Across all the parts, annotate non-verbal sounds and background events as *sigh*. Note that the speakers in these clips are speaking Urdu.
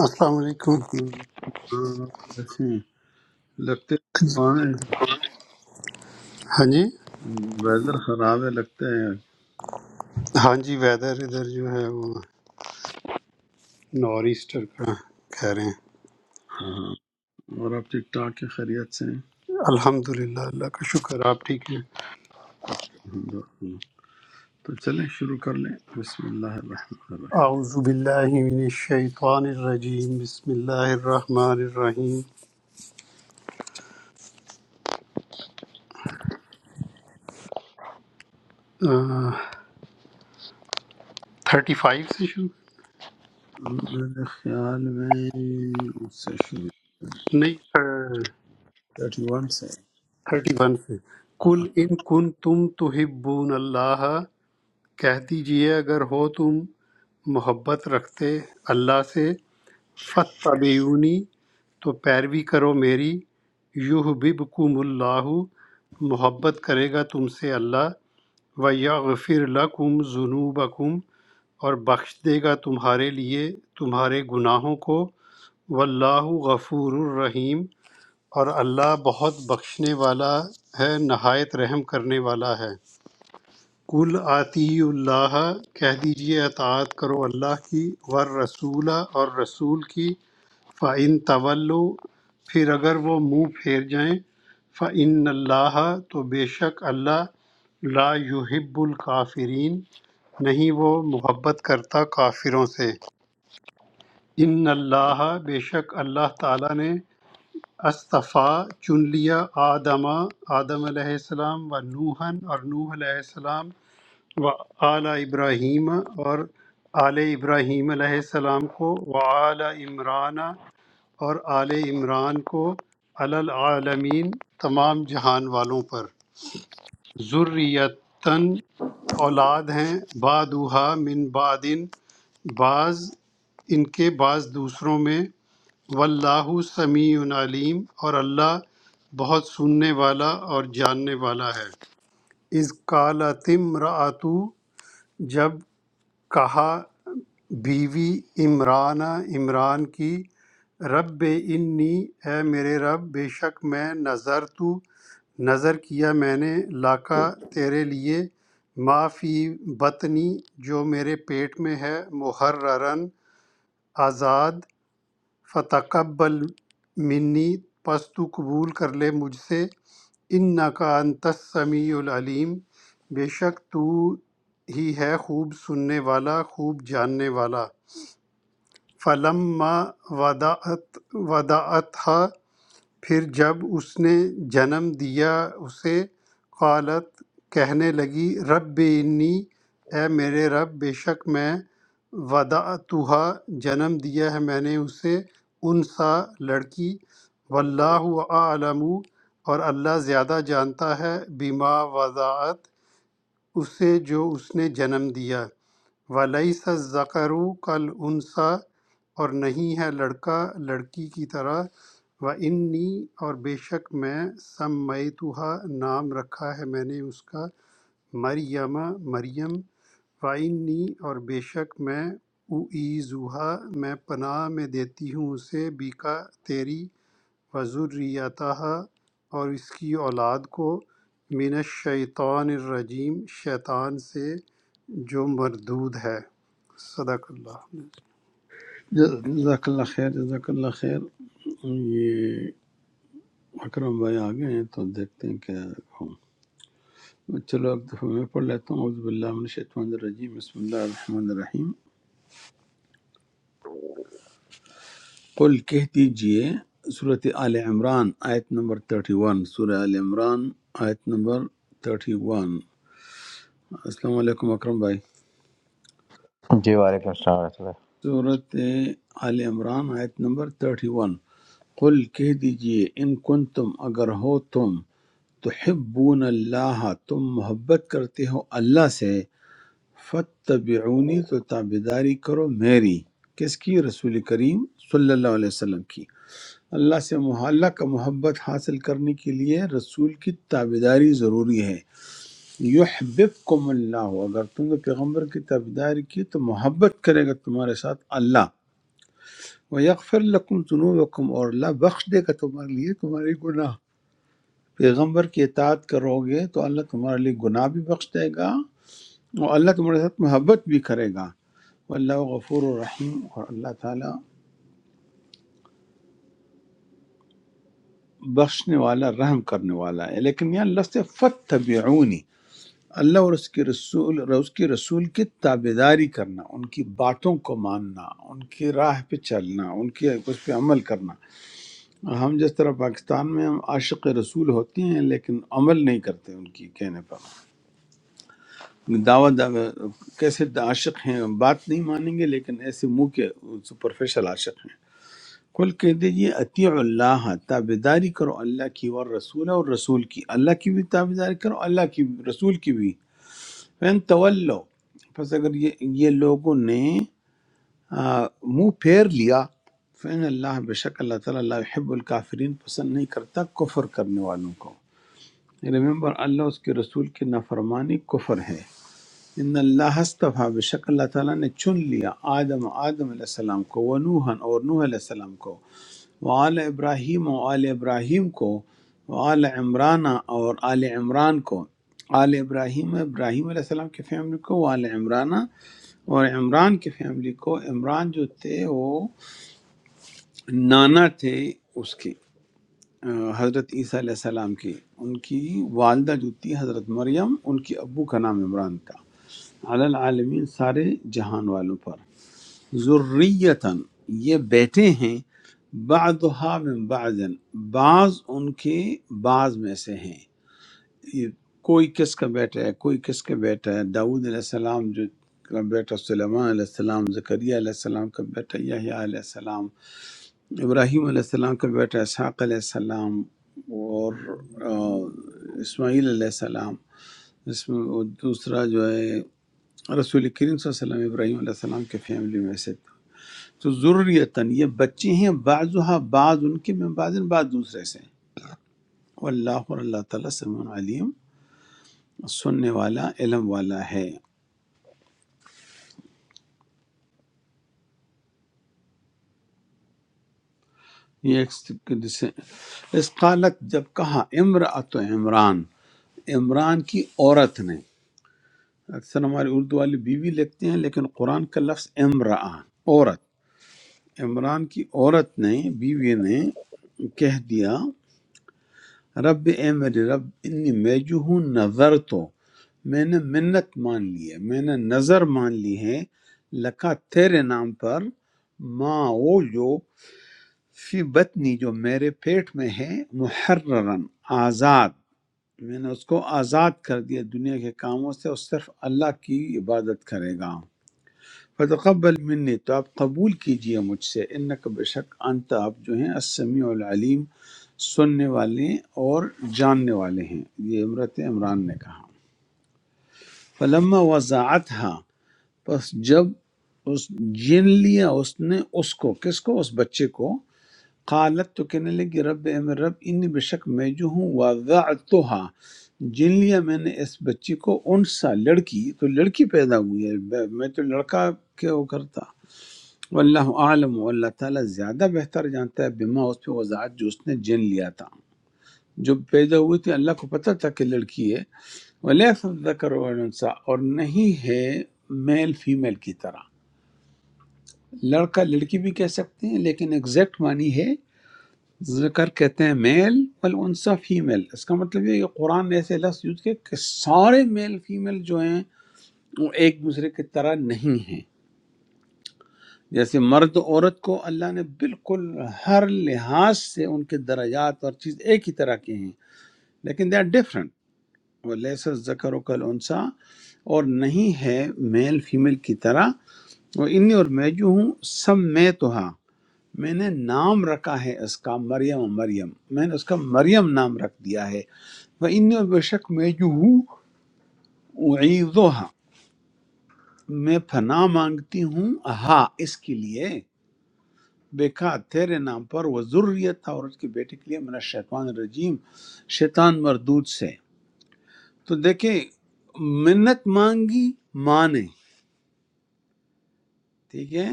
السلام علیکم وعلیکم السلام، آپ کیسے ہیں لگتے ہیں ہاں جی ویدر خراب ہے لگتا ہے ہاں جی ویدر ادھر جو ہے وہ نور ایسٹر کا کہہ رہے ہیں اور آپ ٹھیک ٹھاک کے خیریت سے ہیں الحمد للہ اللہ کا شکر آپ ٹھیک ہیں الحمد للہ۔ تو چلیں شروع کر لیں بسم اللہ الرحمن اعوذ باللہ من الشیطان الرجیم بسم اللہ الرحمن الرحیم تھرٹی فائیو سے شروع الرحیم میرے خیال میں اس سے شروع نہیں 31 سے تھرٹی ون سے ہاں۔ کل ان کن تم تحبون اللہ کہہ دیجئے اگر ہو تم محبت رکھتے اللہ سے فَاتَّبِعُونِی تو پیروی کرو میری یحببکم اللہ محبت کرے گا تم سے اللہ وَیَغْفِرْ لَکُمْ ذُنُوبَکُمْ اور بخش دے گا تمہارے لیے تمہارے گناہوں کو واللہ غفور الرحیم اور اللہ بہت بخشنے والا ہے نہایت رحم کرنے والا ہے کل آتی اللہ کہہ دیجئے اطاعت کرو اللہ کی ور رسولہ اور رسول کی فعن طولو پھر اگر وہ منہ پھیر جائیں فعن اللہ تو بے شک اللہ لا یحب الکافرین نہیں وہ محبت کرتا کافروں سے ان اللہ بے شک اللہ تعالیٰ نے استفا چن لیا آدمہ آدم علیہ السلام و نوحن اور نوح علیہ السلام و آل ابراہیم اور آل ابراہیم علیہ السلام کو و آل عمران اور آل عمران کو علی العالمین تمام جہان والوں پر ذریتاً اولاد ہیں بعدوہا من بعدن بعض ان کے بعض دوسروں میں واللہ سمیع علیم اور اللہ بہت سننے والا اور جاننے والا ہے از قالت امرأۃ جب کہا بیوی عمرانہ عمران کی رب انی اے میرے رب بے شک میں نظر تو نظر کیا میں نے لاکا تیرے لیے ما فی بطنی جو میرے پیٹ میں ہے محررن آزاد فتقبل منی پس تو قبول کر لے مجھ سے ان کا انت السمیع العلیم بے شک تو ہی ہے خوب سننے والا خوب جاننے والا فلما ودعت ودعتها پھر جب اس نے جنم دیا اسے قالت کہنے لگی رب انی اے میرے رب بے شک میں ودعتہا جنم دیا ہے میں نے اسے انسا لڑکی واللہ اعلم اور اللہ زیادہ جانتا ہے بما وضاعت اسے جو اس نے جنم دیا وَلَيْسَ الذَّكَرُ كَالْأُنثَى اور نہیں ہے لڑکا لڑکی کی طرح وَإِنِّي اور بے شک میں سمیتُهَا نام رکھا ہے میں نے اس کا مریم مریم وَإِنِّي اور بے شک میں اُعِیذُهَا میں پناہ میں دیتی ہوں اسے بیکا تیری وَذُرِّيَّتَهَا اور اس کی اولاد کو من الشیطان الرجیم شیطان سے جو مردود ہے صدق اللہ جزاک اللہ خیر جزاک اللہ خیر یہ اکرم بھائی آگے ہیں تو دیکھتے ہیں کیا ہوں چلو ایک دفعہ میں پڑھ لیتا ہوں عزب اللہ من الشیطان الرجیم بسم اللہ الرحمن الرحیم قل کہہ دیجئے صورت آل عمران آیت نمبر 31 سورہ آل عمران آیت نمبر 31 السلام علیکم اکرم بھائی جی وعلیکم السلام ورحمۃ اللہ صورت آل عمران آیت نمبر 31 قل کہہ دیجئے ان کن تم اگر ہو تم تحبون اللہ تم محبت کرتے ہو اللہ سے فتبعونی تو تابداری کرو میری کس کی رسول کریم صلی اللہ علیہ وسلم کی اللہ سے مح- اللہ کا محبت حاصل کرنے کے لیے رسول کی تابے داری ضروری ہے یحببکم اللہ اگر تم نے پیغمبر کی تابے داری کی تو محبت کرے گا تمہارے ساتھ اللہ وہ یغفر لکم ذنوبکم اور اللہ بخش دے گا تمہارے لیے تمہارے گناہ پیغمبر کی اطاعت کرو گے تو اللہ تمہارے لیے گناہ بھی بخش دے گا اور اللہ تمہارے ساتھ محبت بھی کرے گا واللہ غفور الرحیم اور اللہ تعالیٰ بخشنے والا رحم کرنے والا ہے لیکن یہ اللہ سے فت اللہ اور اس کے رسول اور اس کے رسول کی تابے داری کرنا ان کی باتوں کو ماننا ان کی راہ پہ چلنا ان کی اس پہ عمل کرنا ہم جس طرح پاکستان میں ہم عاشق رسول ہوتے ہیں لیکن عمل نہیں کرتے ان کی کہنے پر دعوت کیسے عاشق ہیں بات نہیں مانیں گے لیکن ایسے منہ کے سپرفیشل عاشق ہیں کل کہہ دیجیے اطیع اللہ تابے داری کرو اللہ کی اور رسول اور رسول کی اللہ کی بھی تابے داری کرو اللہ کی رسول کی بھی فین طلو پس اگر یہ یہ لوگوں نے آ، منہ پھیر لیا فین اللہ بے شک اللہ تعالیٰ اللہ حب الکافرین پسند نہیں کرتا کفر کرنے والوں کو ریمبر اللہ اس کے رسول کی نافرمانی کفر ہے ان اللہ استفا بے شک اللہ تعالیٰ نے چن لیا آدم آدم علیہ السلام کو و نوحن اور نوح علیہ السلام کو وآل ابراہیم و آل ابراہیم کو وآل عمران اور آل عمران کو آل ابراہیم ابراہیم علیہ السلام کی فیملی کو وآل عمران اور عمران کی فیملی کو عمران جو تھے وہ نانا تھے اس کے آ، حضرت عیسیٰ علیہ السلام کی ان کی والدہ جو تھی حضرت مریم ان کی ابو کا نام عمران تھا علی العالمین سارے جہان والوں پر ذریتاً یہ بیٹے ہیں بعضہا من بعض بعض ان کے بعض میں سے ہیں یہ کوئی کس کا بیٹا ہے کوئی کس کا بیٹا ہے داؤد علیہ السلام جو کا بیٹا سلیمان علیہ السلام زکریا علیہ السلام کا بیٹا یحییٰ علیہ السلام ابراہیم علیہ السلام کا بیٹا اسحاق علیہ السلام اور آ، اسماعیل علیہ السلام اس میں وہ دوسرا جو ہے رسول کریم صلی اللہ علیہ وسلم ابراہیم علیہ السلام کے فیملی میں سے تھا۔ تو ضروریتاً یہ بچے ہیں بعضها بعض ان کے میں بعض بعض دوسرے سے ہیں۔ واللہ اور اللہ تعالیٰ سمع علیم سننے والا علم والا ہے یہ ایک سک- جسے اس قالت جب کہا امرأت عمران عمران کی عورت نے اکثر ہمارے اردو والے بیوی لکھتے ہیں لیکن قرآن کا لفظ امرأ عورت عمران کی عورت نے بیوی نے کہہ دیا رب اے میرے رب انی میں جو ہوں نظر تو میں نے منت مان لی ہے میں نے نظر مان لی ہے لکا تیرے نام پر ماں وہ جو فی بطنی جو میرے پیٹ میں ہے محررن آزاد میں نے اس کو آزاد کر دیا دنیا کے کاموں سے اور صرف اللہ کی عبادت کرے گا فتقبل منی تو آپ قبول کیجئے مجھ سے انک بے شک انت آپ جو ہیں السمیع العلیم سننے والے اور جاننے والے ہیں یہ عمرت عمران نے کہا فلما وضاعت پس جب اس جن لیا اس نے اس کو کس کو اس بچے کو قالت تو کہنے لگی رب اے میرے رب انی بے شک میں جو ہوں وضعتها جن لیا میں نے اس بچی کو انسا لڑکی تو لڑکی پیدا ہوئی ہے میں تو لڑکا کیا وہ کرتا واللہ عالم و اللہ تعالیٰ زیادہ بہتر جانتا ہے بما اس پہ وضاحت جو اس نے جن لیا تھا جو پیدا ہوئی تھی اللہ کو پتہ تھا کہ لڑکی ہے ولیس ذکر ونسا اور نہیں ہے میل فیمیل کی طرح لڑکا لڑکی بھی کہہ سکتے ہیں لیکن ایگزیکٹ معنی ہے ذکر کہتے ہیں میل والانسا فیمیل اس کا مطلب یہ ہے کہ قرآن نے ایسے لفظ یوز کیا کہ سارے میل فیمیل جو ہیں وہ ایک دوسرے کی طرح نہیں ہیں جیسے مرد و عورت کو اللہ نے بالکل ہر لحاظ سے ان کے درجات اور چیز ایک ہی طرح کے ہیں لیکن دے آر ڈفرینٹ وہ لیس ذکر و کل انسا اور نہیں ہے میل فیمیل کی طرح وہ انی اور میں جو ہوں سب میں تو ہاں میں نے نام رکھا ہے اس کا مریم مریم میں نے اس کا مریم نام رکھ دیا ہے وہ انی اور بے شک میں جو ہوں اعیذها میں پناہ مانگتی ہوں ہاں اس کے لیے بیکا تیرے نام پر وہ ضروریت اور اس کے بیٹے کے لیے من شیطان الرجیم شیطان مردود سے تو دیکھیں منت مانگی مانے ٹھیک ہے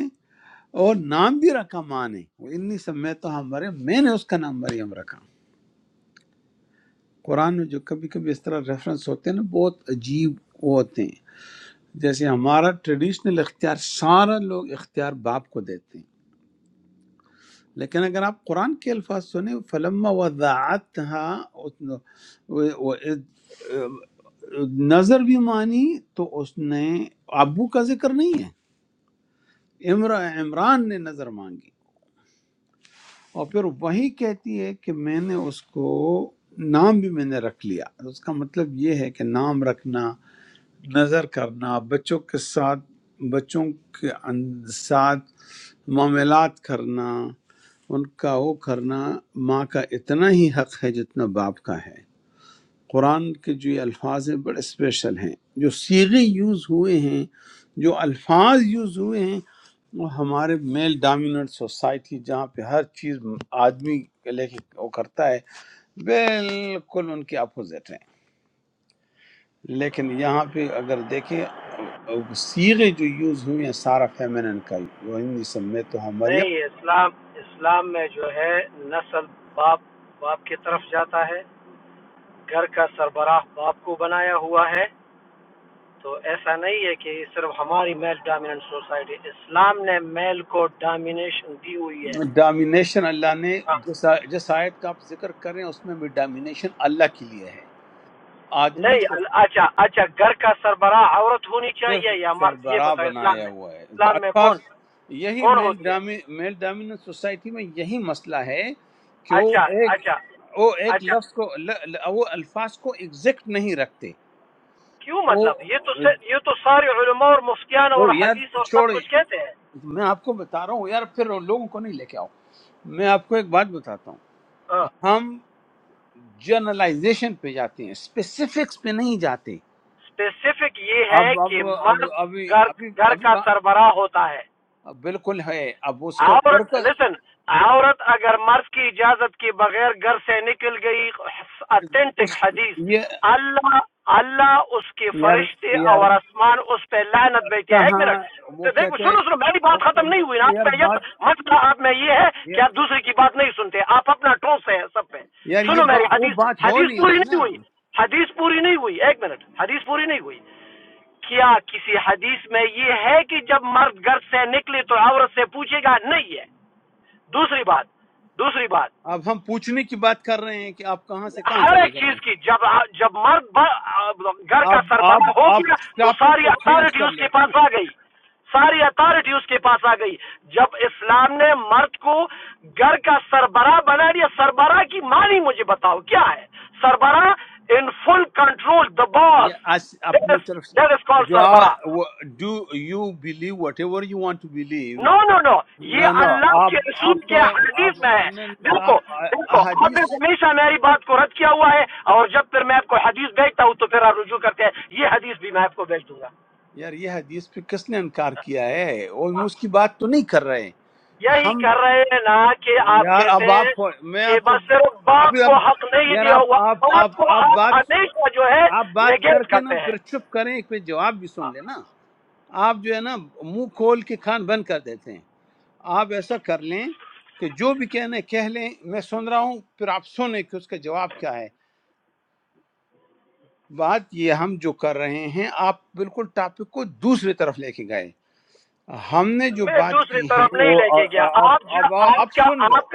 اور نام بھی رکھا مانے وہ انی سمیت تو ہمارے میں نے اس کا نام مریم رکھا قرآن میں جو کبھی کبھی اس طرح ریفرنس ہوتے ہیں نا بہت عجیب وہ ہوتے ہیں جیسے ہمارا ٹریڈیشنل اختیار سارا لوگ اختیار باپ کو دیتے ہیں لیکن اگر آپ قرآن کے الفاظ سنیں فلما وضاعتها نظر بھی مانی تو اس نے ابو کا ذکر نہیں ہے عمر- عمران نے نظر مانگی اور پھر وہی کہتی ہے کہ میں نے اس کو نام بھی میں نے رکھ لیا اس کا مطلب یہ ہے کہ نام رکھنا نظر کرنا بچوں کے ساتھ بچوں کے ان- ساتھ معاملات کرنا ان کا وہ کرنا ماں کا اتنا ہی حق ہے جتنا باپ کا ہے قرآن کے جو یہ الفاظ ہیں بڑے اسپیشل ہیں جو سیغے یوز ہوئے ہیں جو الفاظ یوز ہوئے ہیں وہ ہمارے میل ڈومیننٹ سوسائٹی جہاں پہ ہر چیز آدمی لے کے وہ کرتا ہے بالکل ان کے اپوزٹ ہے لیکن یہاں پہ اگر دیکھیں سیغے جو یوز ہوئے ہیں سارا فیمنن کا وہ ہندی سمیت تو ہاں نہیں مریم اسلام اسلام میں جو ہے نسل باپ باپ کی طرف جاتا ہے گھر کا سربراہ باپ کو بنایا ہوا ہے تو ایسا نہیں ہے کہ صرف ہماری میل ڈومیننٹ سوسائٹی اسلام نے میل کو ڈومینیشن دی ہوئی ہے ڈامینیشن اللہ نے ہاں، جس آ- جس آیت کا آپ ذکر کر رہے ہیں اس میں بھی ڈامینیشن اللہ کے لیے ہے آدمی نہیں کو ال- اچھا اچھا گھر کا سربراہ عورت ہونی صرف چاہیے یا مرد یہ سربراہ بتاؤ اسلام بنایا میں ہوا ہے تو اسلام میں الفاظ کون یہی کون میل ہوتی ہے ڈامی میل ڈومیننٹ سوسائٹی میں یہی مسئلہ ہے کہ وہ اچھا ایک اچھا وہ ایک اچھا لفظ کو ل- ل- وہ الفاظ کو ایگزیکٹ نہیں رکھتے کیوں وہ مطلب یہ تو سے- یہ تو سارے علماء اور مفتیان اور تو حدیث یاد اور سب چھوڑ کچھ کہتے ہیں میں آپ کو بتا رہا ہوں یار پھر ان لوگوں کو نہیں لے کے آؤ میں آپ کو ایک بات بتاتا ہوں ہم جرنلائزیشن پہ جاتے ہیں اسپیسیفکس پہ نہیں جاتے اسپیسیفک یہ ہے اب اب کہ اب مرد ابھی گھر ابھی گھر ابھی کا وہاں- سربراہ ہوتا ہے بالکل ہے اب اس کا در عورت کا لسن عورت اگر مرد کی اجازت کے بغیر گھر سے نکل گئی اتھینٹک اس حدیث یہ اللہ اللہ اس کے یار فرشتے یار اور آسمان اس پہ لعنت بھیجتے ہیں ایک کہاں منٹ وہ تو دیکھو کہتے ہیں، سنو سنو میری بات ختم نہیں ہوئی نا اوکے، آپ یار میں یہ بات مسئلہ آپ میں یہ ہے کہ یہ- آپ دوسرے کی بات نہیں سنتے آپ اپنا ٹوس ہیں سب پہ یار یہ سنو با, میری وہ حدیث بات ہو حدیث نہیں پوری رہی نہیں نا ہوئی حدیث پوری نہیں ہوئی ایک منٹ حدیث پوری نہیں ہوئی کیا کسی حدیث میں یہ ہے کہ جب مرد گھر سے نکلے تو عورت سے پوچھے گا نہیں ہے دوسری بات دوسری بات اب ہم پوچھنے کی بات کر رہے ہیں کہ آپ کہاں سے کہاں ہر ایک چلے گئے چیز کی جب جب مرد ب- گھر کا آپ آپ سربراہ ہو آپ گیا تو ٹاپک ساری کو چینج اتھارٹی کر اس کے لیتے نا پاس آ گئی ساری اتھارٹی اس کے پاس آ گئی جب اسلام نے مرد کو گھر کا سربراہ بنا دیا سربراہ کی معنی مجھے بتاؤ کیا ہے سربراہ ان فل کنٹرول دا یہ باس آج اپنی طرف دیٹ از سے- کال جو سربراہ do you believe whatever you want to believe no no no yeah no نو اللہ آپ کے رسول آپ کے کا آپ حدیث میں ہے دیکھو آپ دیکھو آپ احادیث نے ہمیشہ میری بات کو رد کیا ہوا ہے اور جب پھر میں آپ کو حدیث بھیجتا ہوں تو پھر آپ رجوع کرتے ہیں یہ حدیث بھی میں آپ کو بھیج دوں گا یار یہ حدیث پہ کس نے انکار کیا ہے اور ہم اس کی بات تو نہیں کر رہے ہیں یہی ہم کر رہے ہیں نا کہ آپ یار کہتے اب ہیں آپ میں کہ آپ کو بس صرف باپ ابھی اب کو حق نہیں یار دیا آپ ہوا آپ باپ آپ کو آپ آپ بات ہمیشہ جو ہے آپ بات کر نگیٹ کے نا کرتے ہیں پھر چپ کریں پھر جواب بھی سن لیں نا آپ جو ہے نا منہ کھول کے کھان بند کر دیتے ہیں آپ ایسا کر لیں کہ جو بھی کہنے کہہ لیں میں سن رہا ہوں پھر آپ سنیں کہ اس کا جواب کیا ہے بات یہ ہم جو کر رہے ہیں آپ بالکل ٹاپک کو دوسری طرف لے کے گئے ہم نے جو میں بات دوسری کی ہے طرف نہیں وہ لے کے آ- گیا آ- اب آپ جو اب آپ اب کا سن لو آپ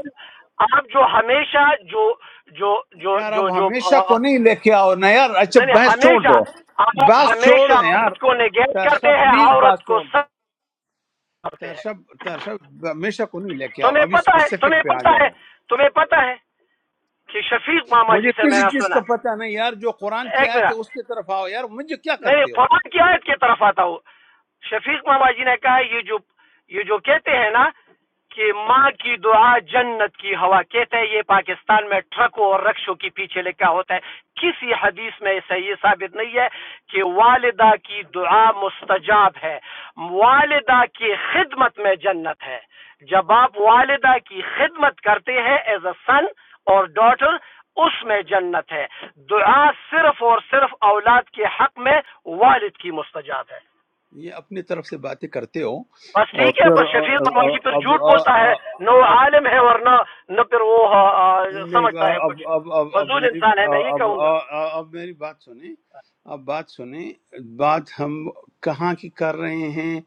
آپ جو ہمیشہ جو جو جو یار جو اب جو ہمیشہ کو نہیں لے کے آؤ نا یار اچھا یعنی بحث چھوڑ ہمیشہ دو آپ بحث چھوڑ ہمیشہ دو یار مرد کو نگیٹ ترسا کرتے ہیں پلیز عورت بات کو چھوڑ دو سب کرتے ترسا ہیں ترسا ہمیشہ کو نہیں لے کے آؤ تمہیں ابھی پتہ ہے اسپیسیفک تمہیں پہ آ پتہ ہے جاؤ تمہیں پتہ ہے کہ شفیق ماما جی مجھے سے میں کسی نے چیز کا سنا پتہ نہیں یار جو قرآن کی ایک آیت منٹ ہے اس کی طرف آؤ یار مجھے کیا نہیں کرتے ہو قرآن کی آیت کی طرف آتا ہوں شفیق ماما جی نے کہا یہ جو یہ جو کہتے ہیں نا کہ ماں کی دعا جنت کی ہوا کہتے ہیں یہ پاکستان میں ٹرکوں اور رکشوں کے پیچھے لکھا ہوتا ہے کسی حدیث میں ایسا یہ ثابت نہیں ہے کہ والدہ کی دعا مستجاب ہے والدہ کی خدمت میں جنت ہے جب آپ والدہ کی خدمت کرتے ہیں ایز اے سن اور ڈاٹر اس میں جنت ہے دعا صرف اور صرف اولاد کے حق میں والد کی مستجاب ہے یہ اپنی طرف سے باتیں کرتے ہو بس اور ٹھیک ہے پھر بس شفیق مواجی پھر اب اب جھوٹ بولتا ہے نہ وہ عالم ہے ورنہ نہ پھر وہ آ، آ، سمجھتا ہے کچھ اب اب اب اب فضول میری انسان ہے میں یہ اب کہوں گا اب میری بات سنیں اب بات سنیں بات ہم کہاں کی کر رہے ہیں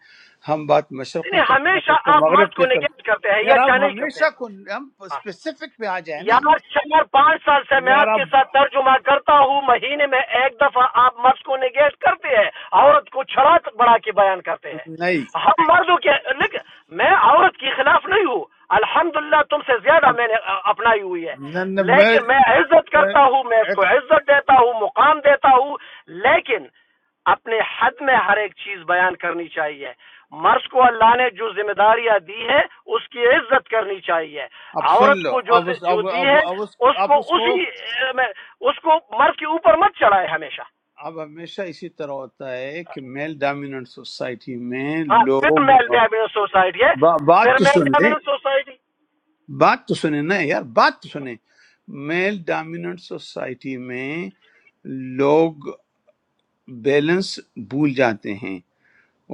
ہم بات مشرق کی یعنی کرتے ہیں آپ ہمیشہ اس کو آپ مرد مغرب کی کو طرف نگیٹ کرتے ہیں یا یار آپ اچھا نہیں کرتے ہمیشہ ہیں کو ہم ہاں اسپیسیفک پہ آ جائیں نا یار چار پانچ سال سے میں یار آپ آپ کے ساتھ ترجمہ کرتا ہوں مہینے میں ایک دفعہ آپ مرد کو نگیٹ کرتے ہیں عورت کو چھڑا بڑھا کے بیان کرتے ہیں نہیں ہم مردوں کے لیکن میں عورت کے خلاف نہیں ہوں الحمدللہ تم سے زیادہ میں نے اپنائی ہوئی ہے نہ- نہ، لیکن میں میں عزت کرتا ہوں میں اس کو عزت دیتا ہوں مقام دیتا ہوں لیکن اپنے حد میں ہر ایک چیز بیان کرنی چاہیے مرد کو اللہ نے جو ذمہ داریاں دی ہیں اس کی عزت کرنی چاہیے اب سن عورت لو کو جو اب اس, جو اب, دی اب, ہے اب اس, اس کو آپ اس کو اسی اے، میں- اس کو مرد کے اوپر مت چڑھائے ہمیشہ اب ہمیشہ اسی طرح ہوتا ہے کہ میل ڈومیننٹ سوسائٹی میں ہاں پھر لوگ میل ڈومیننٹ سوسائٹی ہے با, بات پھر تو میل سن لیں ڈومیننٹ سوسائٹی بات تو سنیں نا یار بات تو سنیں میل ڈومیننٹ سوسائٹی میں لوگ بیلنس بھول جاتے ہیں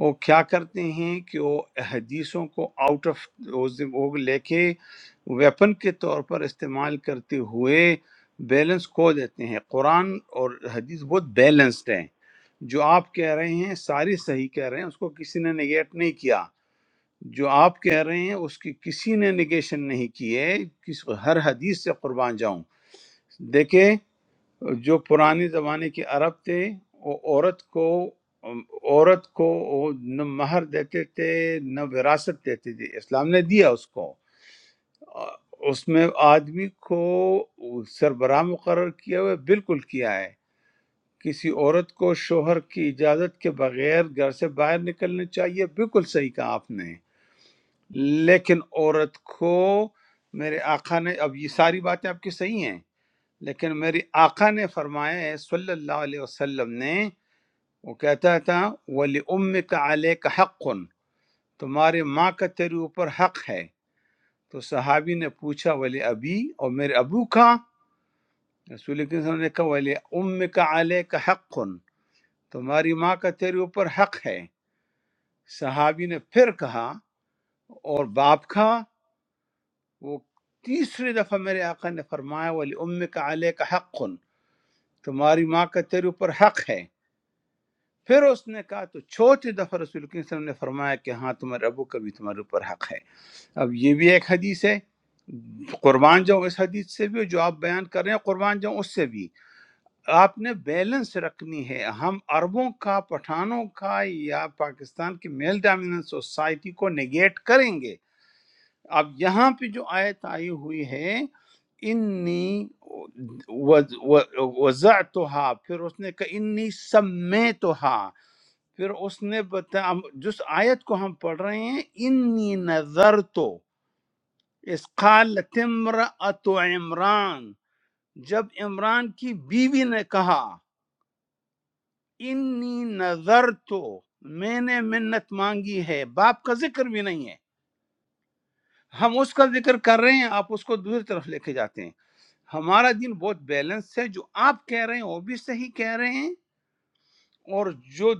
وہ کیا کرتے ہیں کہ وہ حدیثوں کو آؤٹ آف وہ لے کے ویپن کے طور پر استعمال کرتے ہوئے بیلنس کھو دیتے ہیں قرآن اور حدیث بہت بیلنسڈ ہیں جو آپ کہہ رہے ہیں ساری صحیح کہہ رہے ہیں اس کو کسی نے نگیٹ نہیں کیا جو آپ کہہ رہے ہیں اس کی کسی نے نگیشن نہیں کی ہے کس ہر حدیث سے قربان جاؤں دیکھیں جو پرانے زمانے کے عرب تھے وہ عورت کو عورت کو وہ نہ مہر دیتے تھے نہ وراثت دیتے تھے اسلام نے دیا اس کو اس میں آدمی کو سربراہ مقرر کیا ہوا ہے، بالکل کیا ہے کسی عورت کو شوہر کی اجازت کے بغیر گھر سے باہر نکلنا چاہیے بالکل صحیح کہا آپ نے لیکن عورت کو میرے آقا نے اب یہ ساری باتیں آپ کی صحیح ہیں لیکن میری آقا نے فرمایا ہے صلی اللہ علیہ وسلم نے وہ کہتا تھا ولی ام کا علیہ کا حق تمہارے ماں کا تیرے اوپر حق ہے تو صحابی نے پوچھا ولی ابی اور میرے ابو کا رسول اکرم صلی اللہ علیہ وسلم نے کہا ولی ام کا علیہ کا حق تمہاری ماں کا تیرے اوپر حق ہے صحابی نے پھر کہا اور باپ کا وہ تیسری دفعہ میرے آقا نے فرمایا ولی ام کا علیہ کا حق تمہاری ماں کا تیرے اوپر حق ہے پھر اس نے کہا تو چوتھی دفعہ رسول کریم صلی اللہ علیہ وسلم نے فرمایا کہ ہاں تمہارے ابو کا بھی تمہارے اوپر حق ہے اب یہ بھی ایک حدیث ہے قربان جاؤں اس حدیث سے بھی اور جو آپ بیان کر رہے ہیں قربان جاؤں اس سے بھی آپ نے بیلنس رکھنی ہے ہم عربوں کا پٹھانوں کا یا پاکستان کی میل ڈومیننٹ سوسائٹی کو نگیٹ کریں گے اب یہاں پہ جو آیت آئی ہوئی ہے انی وز- و- وضعتها پھر اس نے کہا انی سمیتها پھر اس نے بتا ہم- جس آیت کو ہم پڑھ رہے ہیں انی نظر تو اس قالت امرأت عمران جب عمران کی بیوی نے کہا انی نظر تو میں نے منت مانگی ہے باپ کا ذکر بھی نہیں ہے ہم اس کا ذکر کر رہے ہیں آپ اس کو دوسری طرف لے کے جاتے ہیں ہمارا دین بہت بیلنس ہے جو آپ کہہ رہے ہیں وہ بھی صحیح کہہ رہے ہیں اور جو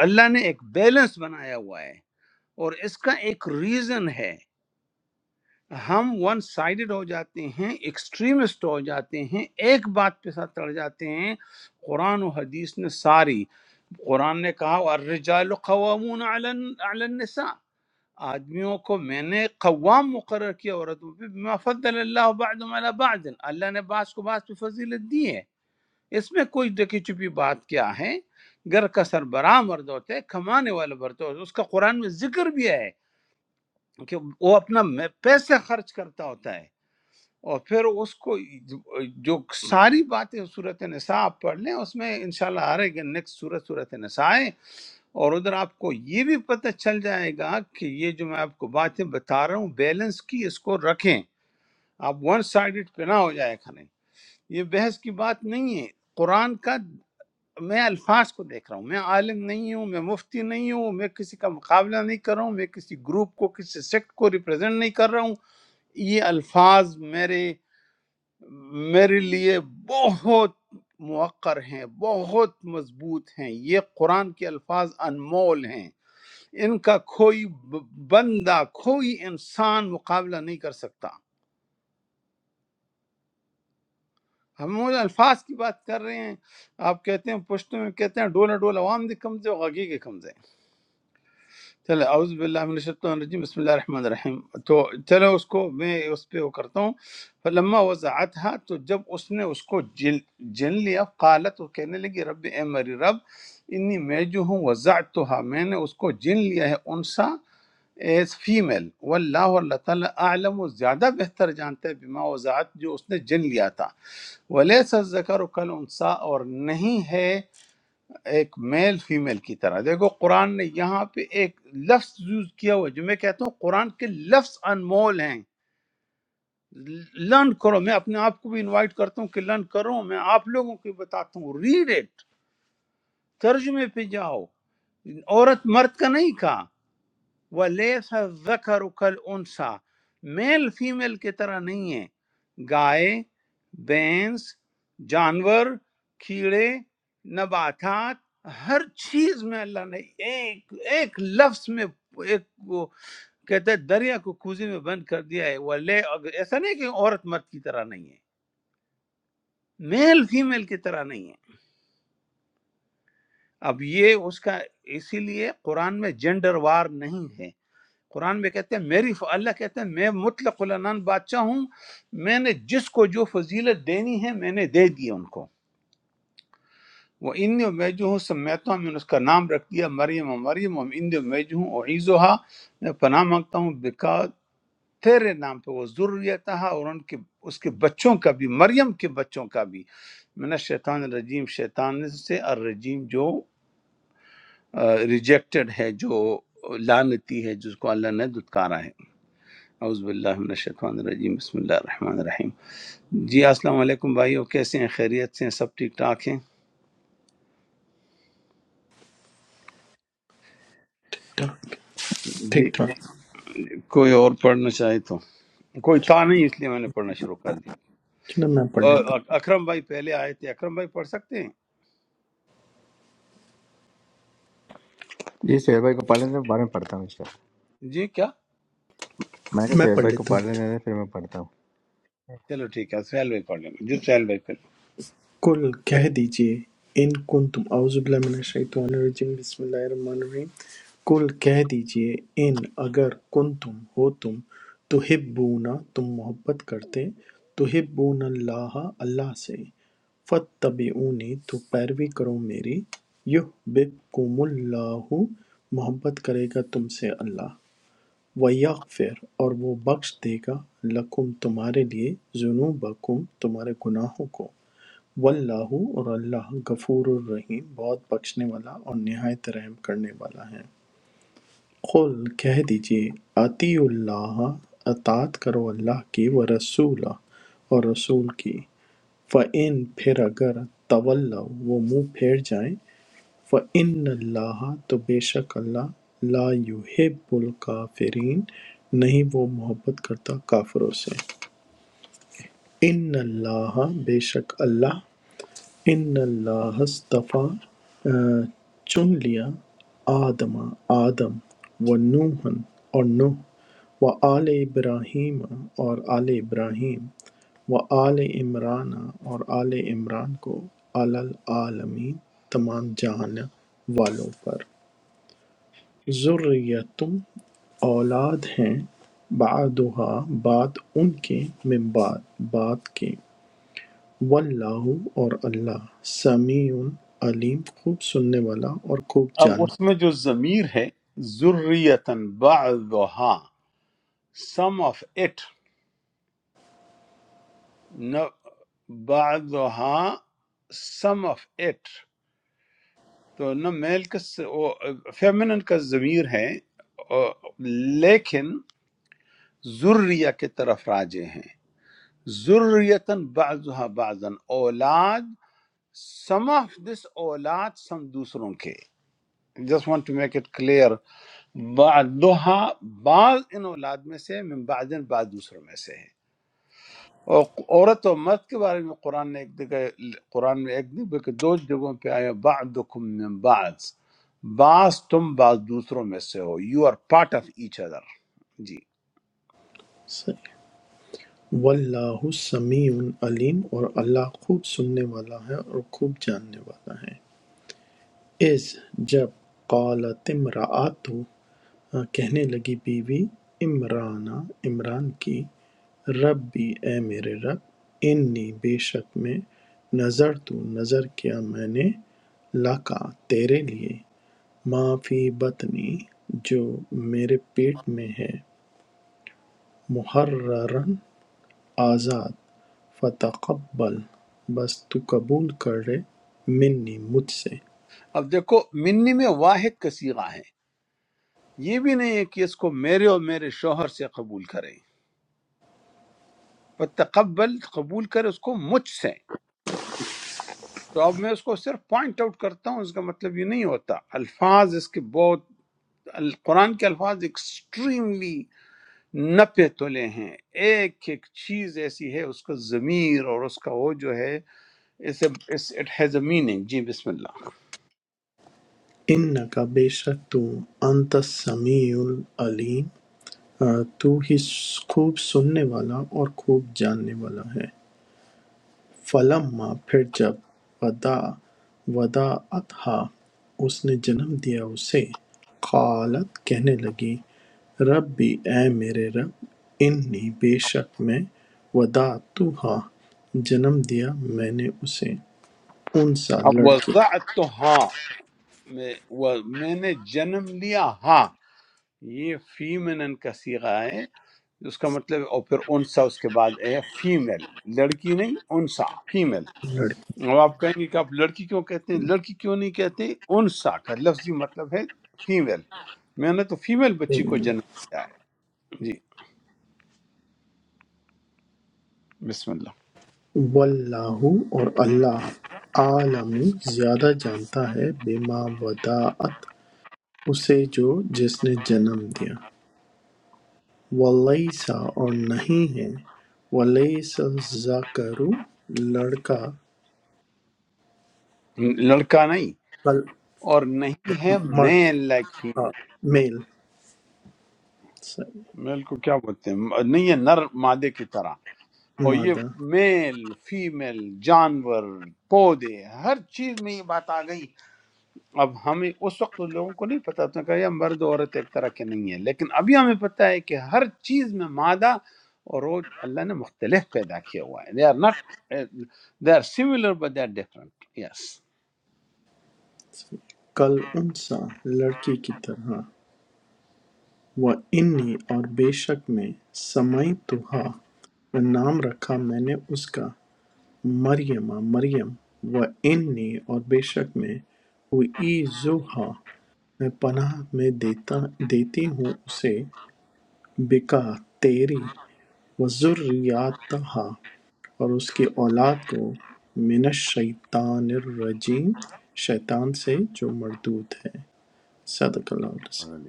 اللہ نے ایک بیلنس بنایا ہوا ہے اور اس کا ایک ریزن ہے ہم ون سائیڈڈ ہو جاتے ہیں ایکسٹریمسٹ ہو جاتے ہیں ایک بات پہ ساتھ چڑھ جاتے ہیں قرآن و حدیث نے ساری قرآن نے کہا الرجال قوامون علی علی النساء آدمیوں کو میں نے قوام مقرر کیا عورتوں پہ بما فضل اللہ بعضهم علی بعض اللہ نے بعض کو بعض پہ فضیلت دی ہے اس میں کوئی ڈکی چپی بات کیا ہے گھر کا سربراہ مرد ہوتا ہے کمانے والا مرد ہوتا ہے اس کا قرآن میں ذکر بھی ہے کہ وہ اپنا میں- پیسے خرچ کرتا ہوتا ہے اور پھر اس کو جو ساری باتیں صورت نساء آپ پڑھ لیں اس میں انشاءاللہ آ رہے گا نیکسٹ صورت صورت نساء ہے اور ادھر آپ کو یہ بھی پتہ چل جائے گا کہ یہ جو میں آپ کو باتیں بتا رہا ہوں بیلنس کی اس کو رکھیں آپ ون سائڈڈ پہ نہ ہو جائے کھانے یہ بحث کی بات نہیں ہے قرآن کا میں الفاظ کو دیکھ رہا ہوں میں عالم نہیں ہوں میں مفتی نہیں ہوں میں کسی کا مقابلہ نہیں کر رہا ہوں میں کسی گروپ کو کسی سیکٹ کو ریپرزینٹ نہیں کر رہا ہوں یہ الفاظ میرے میرے لیے بہت موقر ہیں بہت مضبوط ہیں یہ قرآن کے الفاظ انمول ہیں ان کا کوئی ب- بندہ کوئی انسان مقابلہ نہیں کر سکتا ہم ان الفاظ کی بات کر رہے ہیں آپ کہتے ہیں پشتو میں کہتے ہیں ڈولا ڈولا عوام دے کمزے غگی کے کمزے، چلے اعوذ باللہ من الشیطان الرجیم بسم اللہ الرحمن الرحیم تو چلو اس کو میں اس پہ وہ کرتا ہوں فلما وضعتها تو جب اس نے اس کو جن جن لیا قالت وہ کہنے لگی رب اے میری رب انی میں جو ہوں وضعتها میں نے اس کو جن لیا ہے انسا ایز فیمیل واللہ اور اللہ تعالیٰ اعلم و زیادہ بہتر جانتا ہے بما وضعت جو اس نے جن لیا تھا ولیس الذکر کل انسا اور نہیں ہے ایک میل فیمیل کی طرح دیکھو قرآن نے یہاں پہ ایک لفظ یوز کیا ہوا ہے جو میں کہتا ہوں قرآن کے لفظ انمول ہیں لرن کرو میں اپنے آپ کو بھی انوائٹ کرتا ہوں کہ لرن کرو میں آپ لوگوں کو بھی بتاتا ہوں ریڈ اٹ ترجمے پہ جاؤ عورت مرد کا نہیں کہا ولیس ذکر کل انسا میل فیمیل کی طرح نہیں ہے گائے بینس جانور کیڑے نباتات ہر چیز میں اللہ نے ایک ایک لفظ میں ایک وہ کہتا ہے دریا کو کوزی میں بند کر دیا ہے وہ لے ایسا نہیں کہ عورت مرد کی طرح نہیں ہے میل فیمیل کی طرح نہیں ہے اب یہ اس کا اسی لیے قرآن میں جینڈر وار نہیں ہے قرآن میں کہتے ہیں میری ف... اللہ کہتے ہیں میں مطلق العنان بادشاہ ہوں میں نے جس کو جو فضیلت دینی ہے میں نے دے دی ان کو وہ ان میں جو ہوں سمیتا ہوں میں نے اس کا نام رکھ دیا مریم و مریم و ان میں جو ہوں اعیزوہا میں پناہ مانگتا ہوں بکا تیرے نام پہ وہ ضروریت اور ان کے اس کے بچوں کا بھی مریم کے بچوں کا بھی میں نے شیطان الرجیم شیطان سے الرجیم جو ریجیکٹڈ ہے جو لانتی ہے جس کو اللہ نے دھتکارا ہے اعوذ باللہ من الشیطان الرجیم بسم اللہ الرحمن الرحیم جی السلام علیکم بھائیو کیسے ہیں خیریت سے ہیں سب ٹھیک ٹھاک ہیں ٹھیک جی ٹھاک کوئی اور پڑھنا چاہے تو کوئی تھا نہیں اس لیے میں نے پڑھنا شروع کر دیا چلو میں پڑھ لیتا اور اک- اکرم بھائی پہلے آئے تھے اکرم بھائی پڑھ سکتے ہیں یہ سہیل بھائی کو پڑھ لینے بعد میں پڑھتا ہوں انشاءاللہ جی کیا میں کہا ہوں میں سہیل پڑھ بھائی کو لیتا ہوں پڑھ لینے دیں، پھر میں پڑھتا چلو ٹھیک ہے سہیل بھائی پڑھ لیں گے جی سہیل بھائی پڑھ لیں۔ کل کہہ دیجئے ان کن تم اعوذ باللہ من الشیطان الرجیم بسم اللہ الرحمن الرحیم کل کہہ دیجئے ان اگر کن تم ہو تم تو ہبونا تم محبت کرتے تو ہبون اللہ اللہ سے فتبعونی تو پیروی کرو میری یحببکم اللہ محبت کرے گا تم سے اللہ وَیَغْفِرْ اور وہ بخش دے گا لَکُم تمہارے لیے ذُنُوبَکُم تمہارے گناہوں کو وَاللَّہُ اور اللہ غفور الرحیم بہت بخشنے والا اور نہایت رحم کرنے والا ہے قل کہہ دیجئے اطیع اللہ اطاعت کرو اللہ کی و رسول اور رسول کی فَإِن پھر اگر طول وہ منہ پھیر جائیں فَإِنَّ اللَّهَ تو بے شک اللہ لا يُحِبُّ الْكَافِرِينَ نہیں وہ محبت کرتا کافروں سے ان اللہ بے شک اللہ ان اللہ استفا چن لیا آدم آدم و نوحن اور نوح و آل ابراہیم اور آل ابراہیم و آل عمران اور آل عمران کو علی العالمین تمام جہان والوں پر ذریۃ اولاد ہیں بعضھا بعض ان کے من بعد بعد کے واللہ اور اللہ سمیع علیم خوب سننے والا اور خوب اب اس جاننے میں جو ضمیر ہے ذریتن بعضها some of it no بعضها some of it تو نہ میل کا فیمنن کا ضمیر ہے اور- لیکن ذریہ کی طرف راجے ہیں ذریتن بعضها بعضن اولاد سم آف دس اولاد سم دوسروں کے just want to make it clear بعضها بعض ان اولاد میں سے من بعضن بعض دوسروں میں سے ہے اور عورت اور مرد کے بارے میں قرآن نے ایک جگہ قرآن میں ایک نہیں بلکہ دو جگہوں پہ آیا بعضکم من بعض بعض تم بعض دوسروں میں سے ہو you are part of each other جی صحیح واللہ سمیع علیم اور اللہ خوب سننے والا ہے اور خوب جاننے والا ہے اس جب قالت امرأت ہاں، کہنے لگی بیوی عمرانہ عمران کی ربی اے میرے رب انی بے شک میں نظر تو نظر کیا میں نے لکا تیرے لیے ما فی بطنی جو میرے پیٹ میں ہے محررن آزاد فتقبل بس تو قبول کر لے منی مجھ سے اب دیکھو منی میں واحد کا سیغہ ہے یہ بھی نہیں ہے کہ اس کو میرے اور میرے شوہر سے قبول کریں پر تقبل قبول کرے اس کو مجھ سے تو اب میں اس کو صرف پوائنٹ آؤٹ کرتا ہوں اس کا مطلب یہ نہیں ہوتا الفاظ اس کے بہت قرآن کے الفاظ ایکسٹریملی نپے تلے ہیں ایک ایک چیز ایسی ہے اس کا ضمیر اور اس کا وہ جو ہے اسے اٹ ہیز اے میننگ جی بسم اللہ انکا بے شک تو انت السمیع العلیم تو ہی خوب سننے والا اور خوب جاننے والا ہے فَلَمَّا پھر جب وَدَا وَدَعَتْهَا اس نے جنم دیا اسے قالت کہنے لگی رب بھی اے میرے رب انی بے شک میں وَدَعْتُهَا جنم دیا میں نے اسے انسا اب لڑکی وضعت تو ہاں میں و- میں نے جنم لیا ہاں یہ فیمنن کا صیغہ ہے اس کا مطلب اور پھر انسا اس کے بعد ہے فیمیل لڑکی نہیں انسا فیمیل اب آپ کہیں گے کہ آپ لڑکی کیوں کہتے ہیں لڑکی کیوں نہیں کہتے انسا کا لفظی مطلب ہے فیمیل میں نے تو فیمیل بچی کو لڑکی جنم دیا ہے جی بسم اللہ واللہ اور اللہ عالم زیادہ جانتا ہے بما وداعت اسے جو جس نے جنم دیا وَلَيْسَ اور نہیں ہے وَلَيْسَ الذَّكَرُ لڑکا لڑکا نہیں کل اور نہیں ہے مرد میل لائک ہاں، فیمیل میل میل کو کیا بولتے ہیں نہیں ہے نر مادے کی طرح اور یہ مادہ میل فیمیل جانور پودے ہر چیز میں یہ بات آ گئی اب ہمیں اس وقت ان لوگوں کو نہیں پتا تو کہا یہ مرد و عورت ایک طرح کے نہیں ہے لیکن ابھی ہمیں پتا ہے کہ ہر چیز میں مادہ اور وہ اللہ نے مختلف پیدا کیا ہوا ہے they are not they are similar but they are different yes کل انسا لڑکی کی طرح وَإِنِّي اور بے شک میں سمائی نام رکھا میں نے اس کا مریم مریم وَإِنِّي اور بے شک میں ہوئی میں پناہ میں دیتا دیتی ہوں اسے بکا تیری وذریتہا اور اس کی اولاد کو من الشیطان الرجیم شیطان سے جو مردود ہے صدق اللہ العظیم۔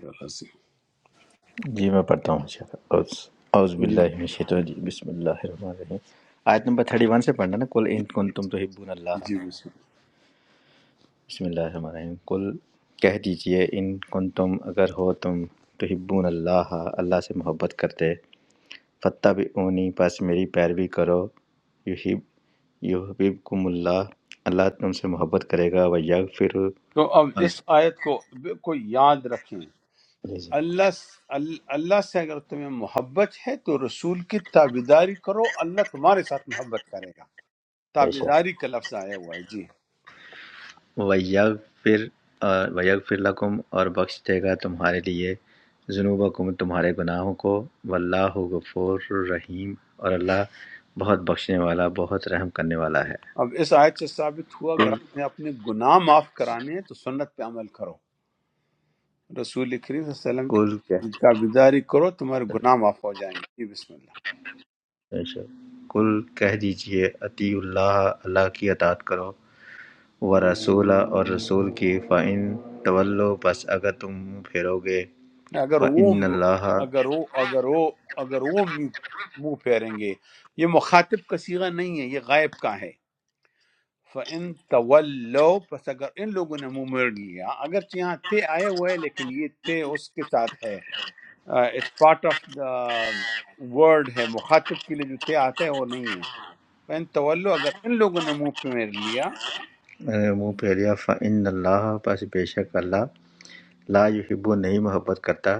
ہوں جی میں پڑھتا ہوں انشاءاللہ اعوذ اعوذ جی باللہ من الشیطان الرجیم بسم اللہ الرحمن الرحیم آیت نمبر 31 سے پڑھنا نا کل ان کنتم تحبون اللہ جی بسم بسم اللہ الرحمن الرحیم کل کہہ دیجئے ان کنتم اگر ہو تم تحبون اللہ اللہ سے محبت کرتے فتح بھی اونی پس میری پیروی کرو یحب یحببکم اللہ اللہ تم سے محبت کرے گا و تو اب اس یغفر آیت کو بالکل یاد رکھیں اللہ اللہ سے اگر تمہیں محبت ہے تو رسول کی تابیداری کرو اللہ تمہارے ساتھ محبت کرے گا بے شک تابیداری کا لفظ آیا ہوا ہے جی وَيَغْفِرْ اور وَيَغْفِرْ لَكُمْ اور بخش دے گا تمہارے لیے ذنوبکم تمہارے گناہوں کو واللہ غفور رحیم اور اللہ بہت بخشنے والا بہت رحم کرنے والا ہے اب اس آیت سے ثابت ہوا اگر کل آپ نے اپنے گناہ معاف کرانے ہیں تو سنت پہ عمل کرو رسول کریم صلی اللہ علیہ وسلم کل کی کہہ تابیداری کرو تمہارے گناہ معاف ہو جائیں گے جی بسم اللہ بے شک۔ کل کہہ دیجئے اطیع اللہ اللہ کی اطاعت کرو و رسول اور رسول کی فَإِن تولو بس اگر تم منہ پھیرو گے اگر وہ فَإِنَّ اللَّهَ اگر وہ اگر وہ اگر وہ منہ منہ پھیریں گے یہ مخاطب کا صیغہ نہیں ہے یہ غائب کا ہے فَإِن تَوَلَّوْا پس اگر ان لوگوں نے منہ مر لیا اگرچہ یہاں تے آیا ہوا ہے لیکن یہ تے اس کے ساتھ ہے it's part of the word ہے مخاطب کے لیے جو تے آتا ہے وہ نہیں ہے فَإِن تَوَلَّوْا اگر ان لوگوں نے منہ پہ مر لیا اگر منہ پھیریا فَإِنَّ اللَّهَ بس بے شک اللہ لا یحب نہیں محبت کرتا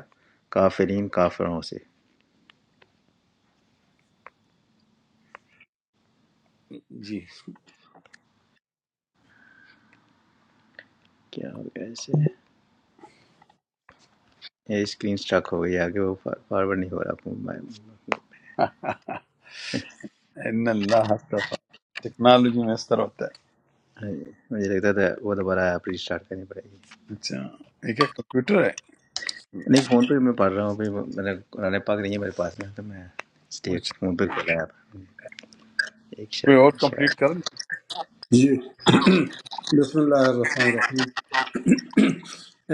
کافرین کافروں سے جی کیا ہو گیا اسے یہ اسکرین اسٹک ہو گئی آگے وہ فارورڈ نہیں ہو رہا اپنے موبائل ان اللہ اصطفیٰ ٹیکنالوجی میں اس طرح ہوتا ہے مجھے لگتا تھا وہ دوبارہ آپ ریسٹارٹ کرنی پڑے گی اچھا یہ کیا کمپیوٹر ہے نہیں فون پہ میں پڑھ رہا ہوں ابھی میں نے قرآن پاک نہیں ہے میرے پاس میں تو میں اس لیے اچھا فون پہ کھولا ہے آپ ایک کوئی اور شیئر کمپلیٹ شیئر کر لے جی بسم اللہ الرحمن الرحیم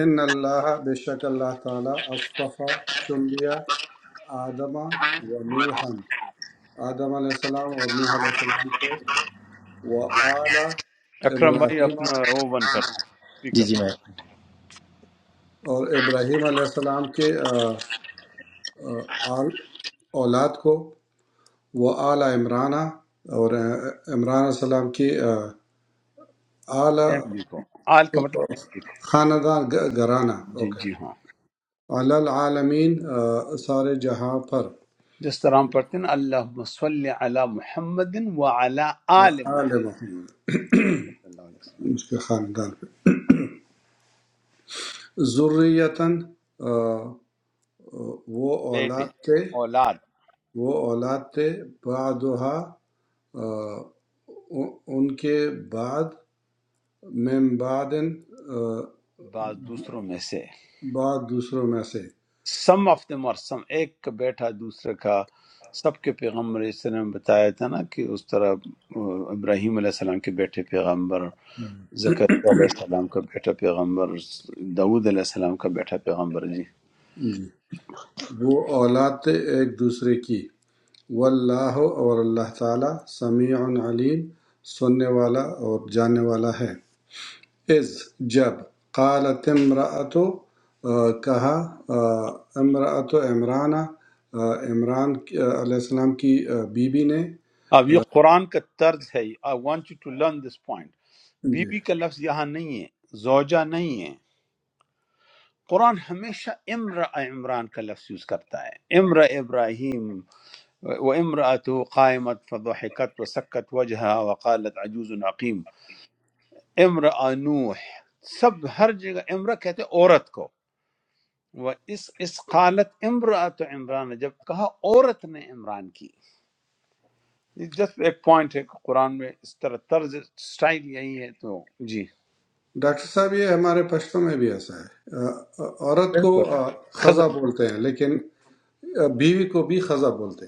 ان اللہ بے شک اللہ تعالیٰ اصطفیٰ چن لیا آدم و نوحن آدم علیہ السلام اور نوح علیہ السلام کو و آل اکرم بھائی ابراہیم اپنا اور وہ بند کر جی اسپیکر جی میں ابراہیم علیہ السلام کے آ، آل اولاد کو و آل عمران اور آ، عمران علیہ السلام کی آ، آل فیملی کو آل کا مطلب فیملی کو خاندان گ- گھرانہ جی اوکے جی ہاں۔ علی العالمین آ، سارے جہاں پر جس طرح ہم پڑھتے ہیں نا اللہم صلی علی محمد وعلی آل آل محمد محمد صلی اللہ علیہ وسلم اس کے خاندان پہ ذریتاً آ، آ، وہ بیٹے اولاد تھے اولاد وہ اولاد تھے بعدها آ، ان ان کے بعد من بعد آ، بعض دوسروں میں سے بعد دوسروں میں سے سم آف دم اور سم ایک کا بیٹا دوسرے کا سب کے پیغمبر اس طرح میں بتایا تھا نا کہ اس طرح آ، ابراہیم علیہ السلام کے بیٹے پیغمبر زکریا علیہ السلام کا بیٹا پیغمبر داود علیہ السلام کا بیٹا پیغمبر جی جی وہ اولاد تھے ایک دوسرے کی واللہ اور اللہ تعالی سمیع علیم سننے والا اور جاننے والا ہے اذ جب قالت امراۃ کہا امراۃ عمرانہ آ، عمران کی- آ، علیہ السلام کی آ، بیوی بی نے اب یہ قرآن کا طرز ہے I want you to learn this point جی بیوی کا لفظ یہاں نہیں ہے زوجہ نہیں ہے قرآن ہمیشہ امر عمران کا لفظ یوز کرتا ہے امر ابراہیم و امراۃ قائمت فضحکت و سکت وجہ وقالت عجوز عقیم امر نوح سب ہر جگہ امرا کہتے ہیں عورت کو وہ اس اس قالت امراۃ عمران جب کہا عورت نے عمران کی جسٹ ایک پوائنٹ ہے کہ قرآن میں اس طرح طرز سٹائل یہی ہے تو جی ڈاکٹر صاحب یہ ہمارے پشتوں میں بھی ایسا ہے آ، آ، عورت کو آ، بالکل خزہ بولتے ہیں لیکن آ، بیوی کو بھی خزہ بولتے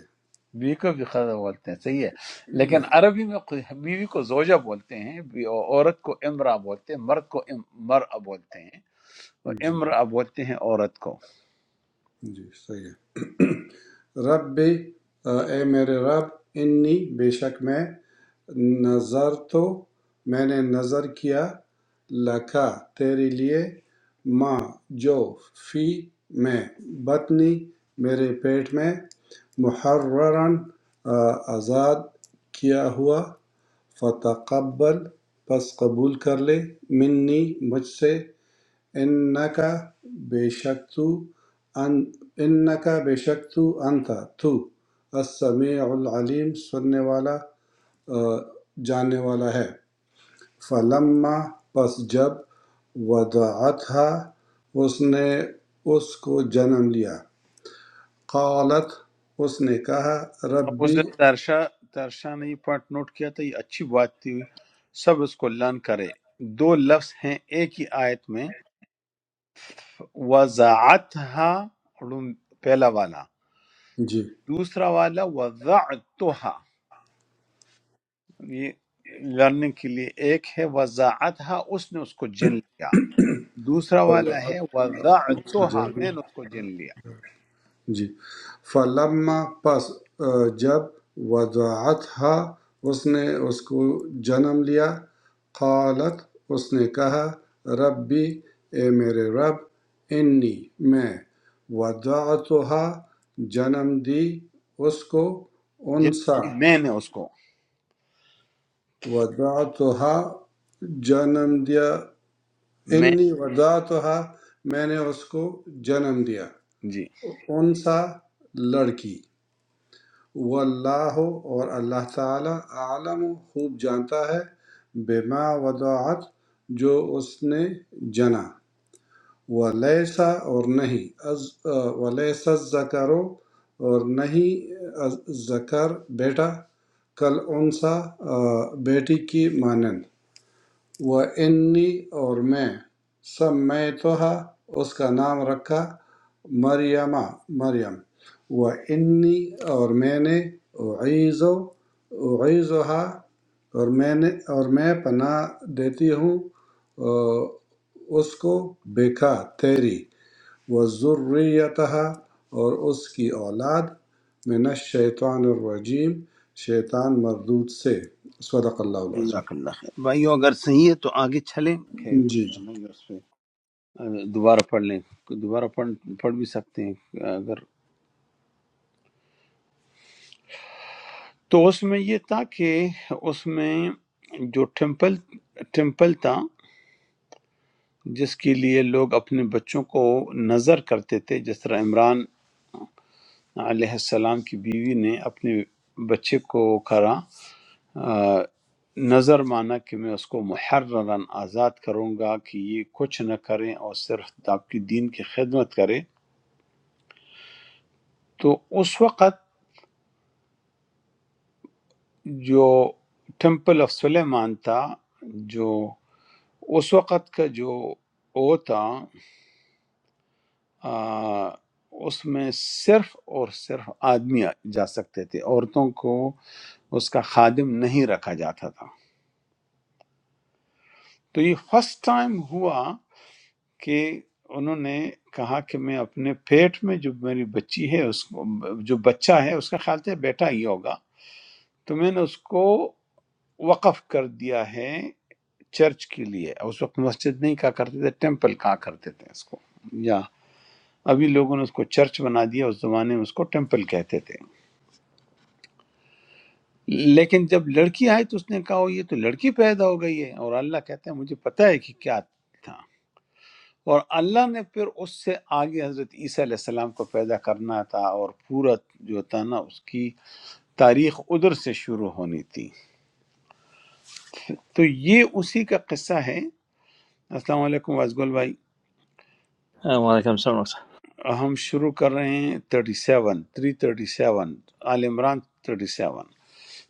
بیوی کو بھی خزا بولتے ہیں صحیح ہے ہیں لیکن یا، عربی میں خو- بیوی کو زوجہ بولتے ہیں بی- عورت کو امرا بولتے ہیں مرد کو ام- مر'a بولتے ہیں اور جی امرا بولتے ہیں عورت کو جی صحیح ہے رب اے میرے رب انی بے شک میں نظر تو میں نے نظر کیا لکا تیرے لیے ماں جو فی میں بطنی میرے پیٹ میں محررن آ، آزاد کیا ہوا فتقبل پس قبول کر لے منی مجھ سے انکا بے شک تو ان انکا بے شک تو انتا تو السمیع العلیم سننے والا آ، جاننے والا ہے فلما پس جب ودعتھا اس نے اس کو جنم لیا قالت اس نے کہا ہم اس ربی دن ترشا ترشا نے یہ پارٹ نوٹ کیا تھا یہ اچھی بات تھی سب اس کو لرن کرے دو لفظ ہیں ایک ہی آیت میں وَزَعَتْهَا پہلا والا جی دوسرا والا وَزَعْتُهَا یہ لرننگ کے لیے ایک ہے وَزَعَتْهَا اس نے اس کو جن لیا دوسرا والا وضعت ہے وضعتها جنم میں نے اس کو جن لیا جی فلما پس آ، جب وضعتها اس نے اس کو جنم لیا قالت اس نے کہا ربی اے میرے رب انی میں وضعتها جنم دی اس کو جن انسا کی میں نے اس کو وضعتها جنم دیا میں انی وضعتها میں نے اس کو جنم دیا جی انسا لڑکی واللہ اور اللہ تعالی اعلم خوب جانتا ہے بما وضاعت جو اس نے جنا ولیسا اور نہیں از ولیسا ذکرو اور نہیں ذکر بیٹا کل انسا بیٹی کی مانند وَإِنِّي اور میں سمیتہا اس کا نام رکھا مریمہ مریم وَإِنِّي اور میں نے اعیزو اعیزہا اور میں نے اور میں پناہ دیتی ہوں آ، اس کو بکا تیری و ذریتہا اور اس کی اولاد من الشیطان الرجیم شیطان مردود سے صدق اللہ العظیم جزاک اللہ خیر بھائیو اگر صحیح ہے تو آگے چلیں کہ جی جی نہیں اس پہ آ، دوبارہ پڑھ لیں دوبارہ پڑھ پڑھ بھی سکتے ہیں اگر تو اس میں یہ تھا کہ اس میں جو ٹیمپل ٹیمپل تھا جس کے لیے لوگ اپنے بچوں کو نظر کرتے تھے جس طرح عمران علیہ السلام کی بیوی نے اپنے بچے کو کرا آ، نظر مانا کہ میں اس کو محرراً آزاد کروں گا کہ یہ کچھ نہ کریں اور صرف آپ کی دین کی خدمت کریں تو اس وقت جو ٹیمپل آف سلیمان تھا جو اس وقت کا جو وہ تھا آ، اس میں صرف اور صرف آدمی جا سکتے تھے عورتوں کو اس کا خادم نہیں رکھا جاتا تھا تو یہ فرسٹ ٹائم ہوا کہ انہوں نے کہا کہ میں اپنے پیٹ میں جو میری بچی ہے اس کو جو بچہ ہے اس کا خیال تھا بیٹا ہی ہوگا تو میں نے اس کو وقف کر دیا ہے چرچ کے لیے اس وقت مسجد نہیں کہا کرتے تھے ٹیمپل کہا کرتے تھے اس کو یا ابھی لوگوں نے اس کو چرچ بنا دیا اس زمانے میں اس کو ٹیمپل کہتے تھے لیکن جب لڑکی آئی تو اس نے کہا "او، یہ تو لڑکی پیدا ہو گئی ہے اور اللہ کہتا ہے مجھے پتہ ہے کہ کیا تھا اور اللہ نے پھر اس سے آگے حضرت عیسیٰ علیہ السلام کو پیدا کرنا تھا اور پورا جو تھا نا اس کی تاریخ ادھر سے شروع ہونی تھی تو یہ اسی کا قصہ ہے السلام علیکم وازگل بھائی وعلیکم السلام ڈاکٹر صاحب۔ ہم شروع کر رہے ہیں 37 سیون تھری تھرٹی سیون عال عمران 37 سیون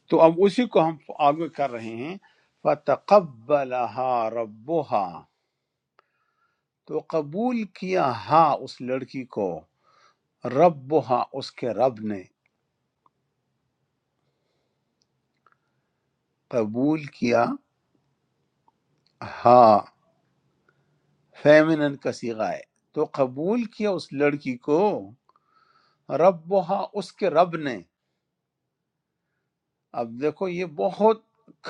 تو اب اسی کو ہم آگے کر رہے ہیں فَتَقَبَّلَهَا رَبُّهَا تو قبول کیا ہا اس لڑکی کو ربها اس کے رب نے قبول کیا ہاں فیمنن کا صیغہ ہے تو قبول کیا اس لڑکی کو رب اس کے رب نے اب دیکھو یہ بہت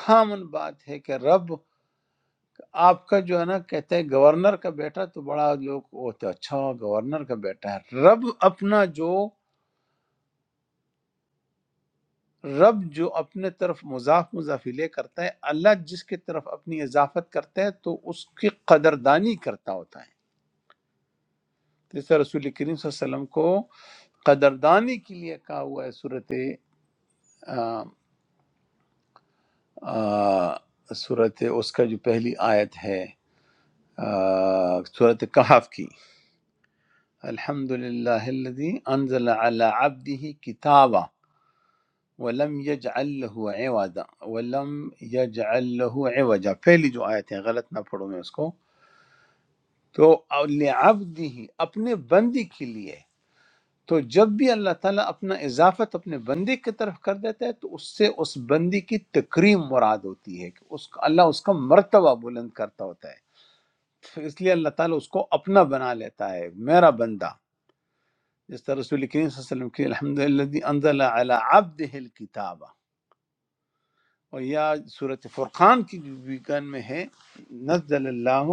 کامن بات ہے کہ رب آپ کا جو ہے نا کہتے ہیں گورنر کا بیٹا تو بڑا لوگ ہوتے ہیں، اچھا گورنر کا بیٹا ہے رب اپنا جو رب جو اپنے طرف مضاف مضاف لے کرتا ہے اللہ جس کی طرف اپنی اضافت کرتا ہے تو اس کی قدردانی کرتا ہوتا ہے تو اس طرح رسول کریم صلی اللہ علیہ وسلم کو قدردانی کے لیے کہا ہوا ہے صورت آ، آ، صورت اس کا جو پہلی آیت ہے آ، صورت کہف کی الحمد للہ الذي انزل على عبده كتابا ولم يجعل له عوضا ولم يجعل له عوجا پہلی جو آیت ہے غلط نہ پڑھوں میں اس کو تو لعبده اپنے بندی کے لیے تو جب بھی اللہ تعالیٰ اپنا اضافت اپنے بندے کی طرف کر دیتا ہے تو اس سے اس بندی کی تکریم مراد ہوتی ہے کہ اس کا اللہ اس کا مرتبہ بلند کرتا ہوتا ہے تو اس لیے اللہ تعالیٰ اس کو اپنا بنا لیتا ہے میرا بندہ جس طرح رسول کریم صلی اللہ علیہ وسلم کی الحمد للہ انزل علی عبدہ الکتاب اور یا سورۃ فرقان کی بھی گن میں ہے نزل اللہ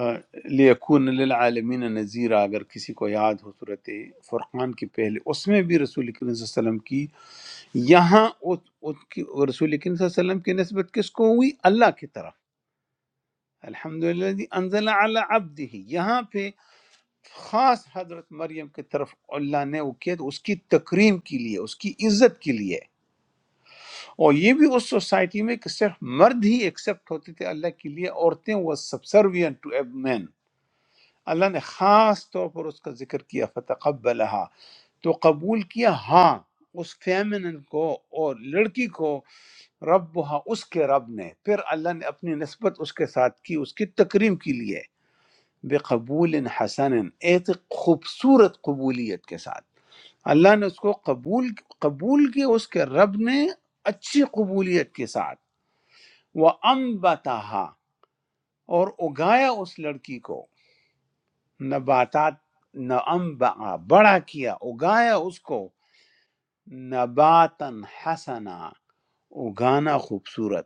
آ، لیکون للعالمین نذیرہ اگر کسی کو یاد ہو صورت فرقان کی پہلے اس میں بھی رسول کریم صلی اللہ علیہ وسلم کی یہاں ات- ات کی- رسول کریم صلی اللہ علیہ وسلم کی نسبت کس کو ہوئی اللہ کی طرف الحمد للہ انزل علی عبدہ یہاں پہ خاص حضرت مریم کی طرف اللہ نے وہ کیا تو اس کی تکریم کے لیے اس کی عزت کے لیے اور یہ بھی اس سوسائٹی میں کہ صرف مرد ہی ایکسپٹ ہوتے تھے اللہ کے لیے عورتیں وہ سبسروین ٹو اے مین اللہ نے خاص طور پر اس کا ذکر کیا فتقبلها تو قبول کیا ہاں اس فیمنن کو اور لڑکی کو رب اس کے رب نے پھر اللہ نے اپنی نسبت اس کے ساتھ کی اس کی تکریم کے لیے بے قبول حسن ایک خوبصورت قبولیت کے ساتھ اللہ نے اس کو قبول قبول کیا اس کے رب نے اچھی قبولیت کے ساتھ وہ ام اور اگایا اس لڑکی کو نباتات نعم بڑا کیا اگایا اس کو نباتن حسنا اگانا خوبصورت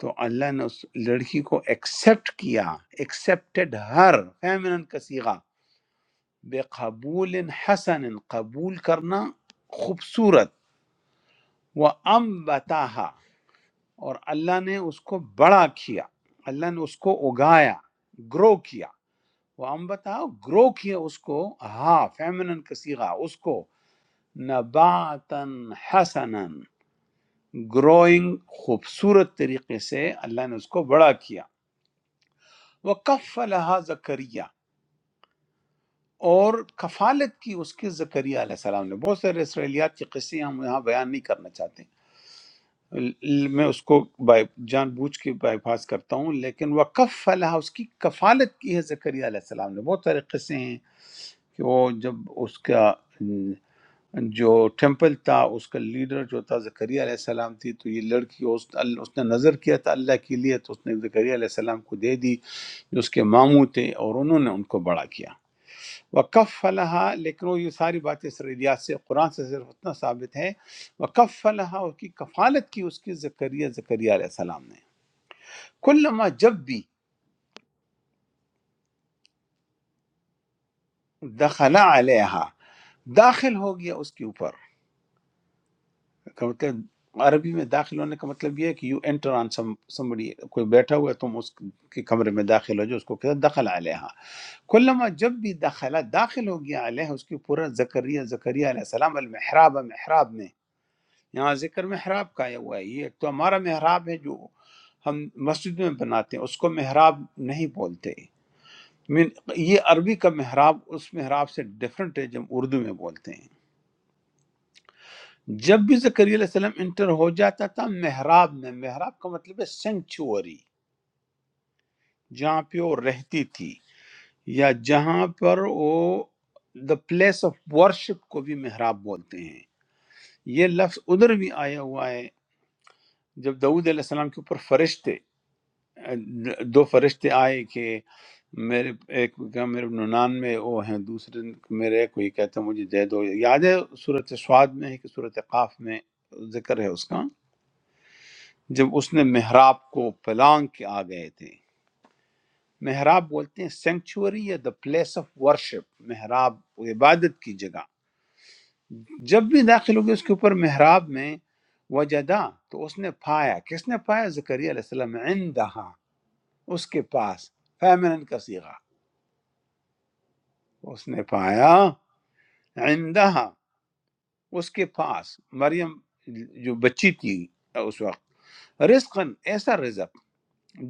تو اللہ نے اس لڑکی کو ایکسیپٹ کیا ایکسیپٹڈ ہر فیمنن کا صیغہ بے قبول حسن قبول کرنا خوبصورت وہ ام بتاہا، اور اللہ نے اس کو بڑا کیا اللہ نے اس کو اگایا گرو کیا وہ ام بتا، گرو کیا اس کو ہاں فیمنن کا صیغہ اس کو نباتن حسنن گروئنگ خوبصورت طریقے سے اللہ نے اس کو بڑا کیا وہ کف زکریا اور کفالت کی اس کے زکریا علیہ السلام نے بہت سارے اسرائیلیات کے قصے ہم یہاں بیان نہیں کرنا چاہتے ل- میں اس کو بائی جان بوجھ کے بائی پاس کرتا ہوں لیکن وہ کف اس کی کفالت کی ہے زکریا علیہ السلام نے بہت سارے قصے ہیں کہ وہ جب اس کا م، جو ٹیمپل تھا اس کا لیڈر جو تھا زکریا علیہ السلام تھی تو یہ لڑکی اس ال- اس نے نظر کیا تھا اللہ کے لیے تو اس نے زکریا علیہ السلام کو دے دی جو اس کے ماموں تھے اور انہوں نے ان کو بڑا کیا وقف فلاح لیکن وہ یہ ساری باتیں اسرائیلیات سے قرآن سے صرف اتنا ثابت ہے وقف فلاح اس کی کفالت کی اس کی زکریہ زکریہ علیہ السلام نے کلما جب بھی دخلا علیہا داخل ہو گیا اس کے اوپر کا مطلب عربی میں داخل ہونے کا مطلب یہ ہے کہ یو انٹر آن سمبڑی کوئی بیٹھا ہوا ہے تم اس کے کمرے میں داخل ہو جو اس کو کہتا ہے دخل علیہ کلما جب بھی دخلا داخل ہو گیا علیہ اس کے پورا زکریہ زکریہ علیہ السلام المحراب محراب میں یہاں ذکر محراب کا آیا ہوا ہے یہ تو ہمارا محراب ہے جو ہم مسجد میں بناتے ہیں اس کو محراب نہیں بولتے من- یہ عربی کا محراب اس محراب سے ڈیفرنٹ ہے جب اردو میں بولتے ہیں جب بھی زکریا علیہ السلام انٹر ہو جاتا تھا محراب میں محراب کا مطلب ہے سینکچوری جہاں پہ وہ رہتی تھی یا جہاں پر وہ دا پلیس آف ورشپ کو بھی محراب بولتے ہیں یہ لفظ ادھر بھی آیا ہوا ہے جب دعود علیہ السلام کے اوپر فرشتے دو فرشتے آئے کہ میرے ایک کو کہا میرے ننان میں وہ ہیں دوسرے میرے ایک کوئی کہتا ہے مجھے دے دو یاد ہے صورت سواد میں ہے کہ صورت قاف میں ذکر ہے اس کا جب اس نے محراب کو پلانگ کے آ گئے تھے محراب بولتے ہیں سینکچوری یا دا پلیس آف ورشپ محراب عبادت کی جگہ جب بھی داخل ہو گئے اس کے اوپر محراب میں وجدا تو اس نے پایا کس نے پایا زکریا علیہ السلام عندها اس کے پاس فیمنن کا صیغہ اس نے پایا عندها اس کے پاس مریم جو بچی تھی اس وقت رزقن ایسا رزق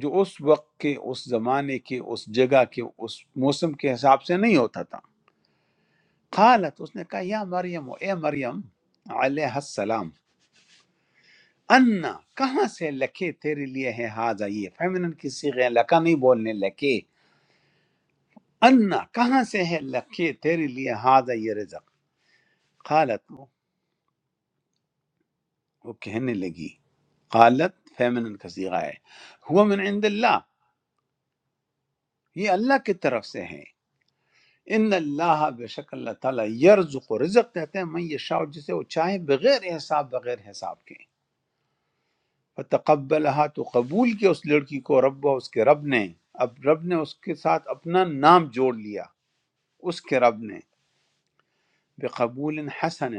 جو اس وقت کے اس زمانے کے اس جگہ کے اس موسم کے حساب سے نہیں ہوتا تھا قالت اس نے کہا یا مریم اے مریم علیہ السلام انا کہاں سے لکھے تیرے لیے ہے ہاضا یہ فیمنن کی صیغہ ہے، لکا نہیں بولنے لکے انا کہاں سے ہے لکھے تیرے لیے ہاضا یہ رزق قالت وہ کہنے لگی قالت فیمنن کا صیغہ ہے ہوا من عند اللہ یہ اللہ کی طرف سے ہے ان اللہ بے شک اللہ تعالیٰ یرزق و رزق دیتے ہیں من یشاء جسے وہ چاہے بغیر حساب بغیر حساب کے فتقبلها تو قبول کیا اس لڑکی کو رب اس کے رب نے اب رب نے اس کے ساتھ اپنا نام جوڑ لیا اس کے رب نے بقبول حسن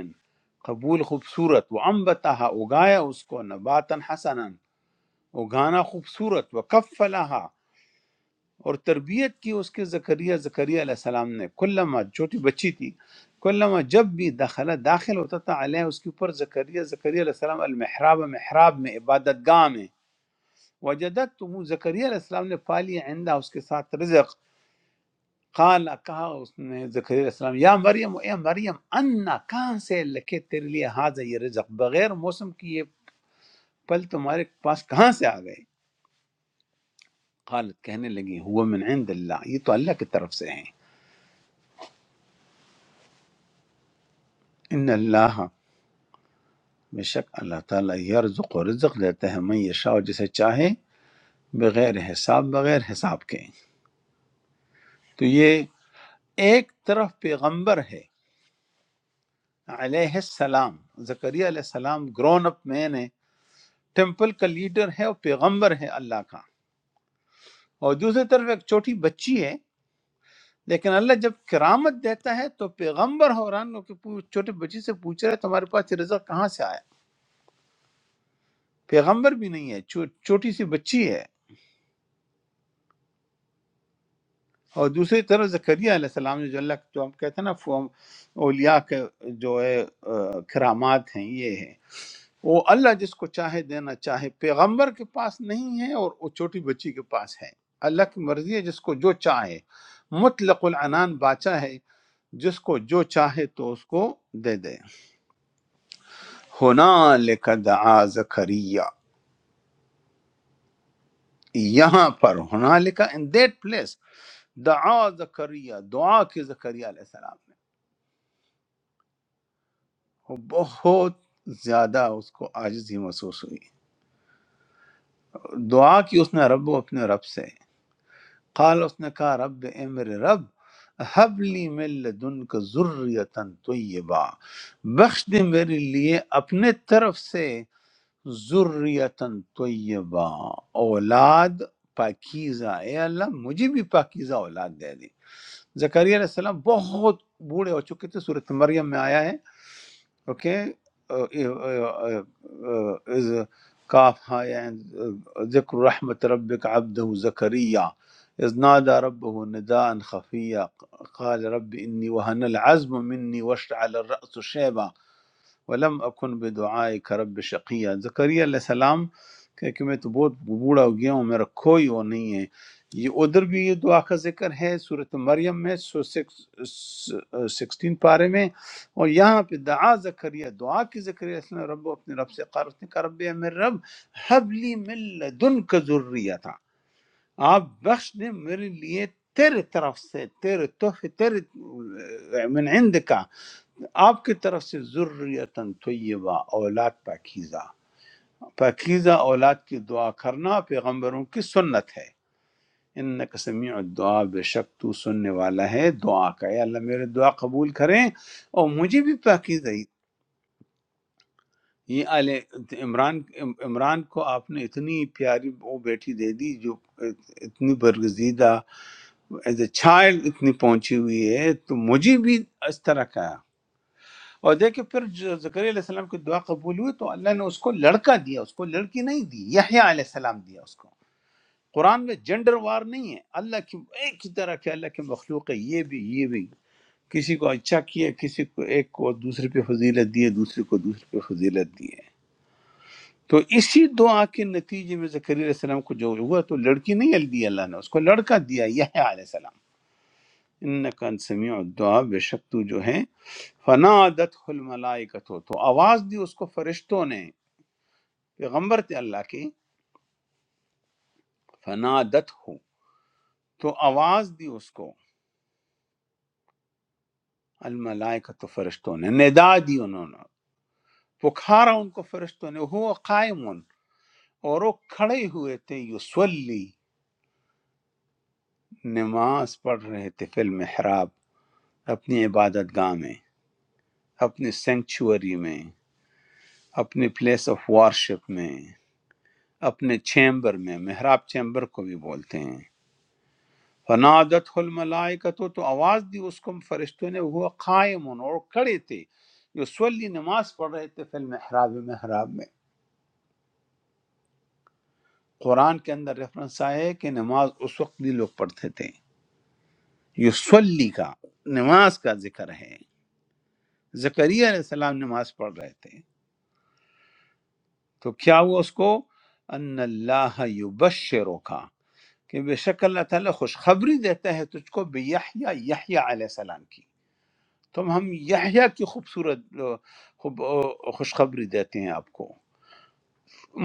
قبول خوبصورت وہ امبتہ اگایا اس کو نباتا حسنا اگانا خوبصورت وہ اور تربیت کی اس کے زکریہ زکریہ علیہ السلام نے کلما چھوٹی بچی تھی کلما جب بھی داخلہ داخل ہوتا تھا علیہ اس کے اوپر زکریہ زکریہ علیہ السلام المحراب محراب میں عبادت گاہ میں وجدت تم زکریہ علیہ السلام نے پالی عندہ اس کے ساتھ رزق قال کہا اس نے زکریہ علیہ السلام یا مریم اے مریم انا کہاں سے لکے تیرے لیے حاضر یہ رزق بغیر موسم کی یہ پل تمہارے پاس کہاں سے آ گئے قالت کہنے لگی ہوا من عند اللہ یہ تو اللہ کی طرف سے ہیں ان اللہ بے شک اللہ تعالیٰ یرزق و رزق دیتا ہے من یشاء جسے چاہے بغیر حساب بغیر حساب کے تو یہ ایک طرف پیغمبر ہے علیہ السلام زکریہ علیہ السلام گرون اپ مین ہے ٹیمپل کا لیڈر ہے اور پیغمبر ہے اللہ کا اور دوسری طرف ایک چھوٹی بچی ہے لیکن اللہ جب کرامت دیتا ہے تو پیغمبر حوران کے پو- چھوٹے بچی سے پوچھ رہا ہے تمہارے پاس یہ رزق کہاں سے آیا پیغمبر بھی نہیں ہے چھو- چھوٹی سی بچی ہے اور دوسری طرف زکریا علیہ السلام نے جو اللہ جو ہم کہتے ہیں نا فو- اولیاء کے جو ہے آ، کرامات ہیں یہ ہے وہ اللہ جس کو چاہے دینا چاہے پیغمبر کے پاس نہیں ہے اور وہ چھوٹی بچی کے پاس ہے اللہ کی مرضی ہے جس کو جو چاہے مطلق العنان باچا ہے جس کو جو چاہے تو اس کو دے دے ہونا لکھا دعا زکریا یہاں پر ہونا لکھا ان دیٹ پلیس دعا زکریا دعا کی زکریا علیہ السلام وہ بہت زیادہ اس کو عاجزی محسوس ہوئی دعا کی اس نے رب اپنے رب سے قال اس نے کہا رب اے میرے رب حب لی من لدن کا ذریتن طیبہ بخش دے میرے لیے اپنے طرف سے ذریتن طیبہ اولاد پاکیزہ اے اللہ مجھے بھی پاکیزہ اولاد دے دے زکریا علیہ السلام بہت بوڑھے ہو چکے تھے صورت مریم میں آیا ہے okay uh, uh, uh, uh, إذ كافها يعني ذكر رحمة ربك عبده زكريا إذ نادى ربه نداء خفيا قال رب إني وهن العزم مني واشتعل الرأس شيبا ولم اکن بدعائے کرب شقیہ زکریا علیہ السلام کہ کہ میں تو بہت بوڑھا ہو گیا ہوں میرا کوئی وہ نہیں ہے یہ ادھر بھی یہ دعا کا ذکر ہے صورت مریم میں سو سکسٹین پارے میں اور یہاں پہ دعا زکریا دعا کی زکریا اس نے رب اپنے رب سے قرض نے کہا رب اے میرے رب حبلی من لدن کا ذریہ تھا آپ بخش دیں میرے لیے تیرے طرف سے تیرے تحفے تیرے من عندکا آپ کی طرف سے ذریتاً طیبہ اولاد پاکیزہ پاکیزہ اولاد کی دعا کرنا پیغمبروں کی سنت ہے ان کا سمیع الدعا بے شک تو سننے والا ہے دعا کا اے اللہ میرے دعا قبول کریں اور مجھے بھی پاکیزہ ہی یہ آل عمران عمران کو آپ نے اتنی پیاری وہ بیٹی دے دی جو اتنی برگزیدہ ایز اے چائلڈ اتنی پہنچی ہوئی ہے تو مجھے بھی اس طرح کا اور دیکھیں پھر جو زکریا علیہ السلام کی دعا قبول ہوئی تو اللہ نے اس کو لڑکا دیا اس کو لڑکی نہیں دی یحییٰ علیہ السلام دیا اس کو قرآن میں جنڈر وار نہیں ہے اللہ کی ایک ہی طرح کے اللہ کے مخلوق ہے یہ بھی یہ بھی کسی کو اچھا کیا کسی کو ایک کو دوسرے پہ فضیلت دی ہے دوسرے کو دوسرے پہ فضیلت دی ہے تو اسی دعا کے نتیجے میں زکریا علیہ السلام کو جو ہوا تو لڑکی نہیں دی اللہ نے اس کو لڑکا دیا یحییٰ علیہ السلام انکا ان سمیع الدعا بے شک تو جو ہے فنا عادت الملائکتو تو آواز دی اس کو فرشتوں نے پیغمبر تھے اللہ کے فنا دت ہو تو آواز دی اس کو الملائکتو فرشتوں نے ندا دی انہوں نے پکھارا ان کو فرشتوں نے ہو قائمون اور وہ کھڑے ہوئے تھے یسولی نماز پڑھ رہے تھے فی المحراب اپنی عبادت گاہ میں اپنے سینکچوری میں اپنے پلیس آف وارشپ میں اپنے چیمبر میں محراب چیمبر کو بھی بولتے ہیں فنادت الملائکتو تو آواز دی اس کو فرشتوں نے وہ قائم اور کھڑے تھے جو سولی نماز پڑھ رہے تھے فی المحراب محراب میں قرآن کے اندر ریفرنس آیا ہے کہ نماز اس وقت بھی لوگ پڑھتے تھے یہ سولی کا نماز کا ذکر ہے زکریہ علیہ السلام نماز پڑھ رہے تھے تو کیا ہوا اس کو ان اللہ یبشرو کہ بے شک اللہ تعالیٰ خوشخبری دیتا ہے تجھ کو بے یحییٰ یحییٰ علیہ السلام کی تم ہم یحییٰ کی خوبصورت آ، خوب آ، خوشخبری دیتے ہیں آپ کو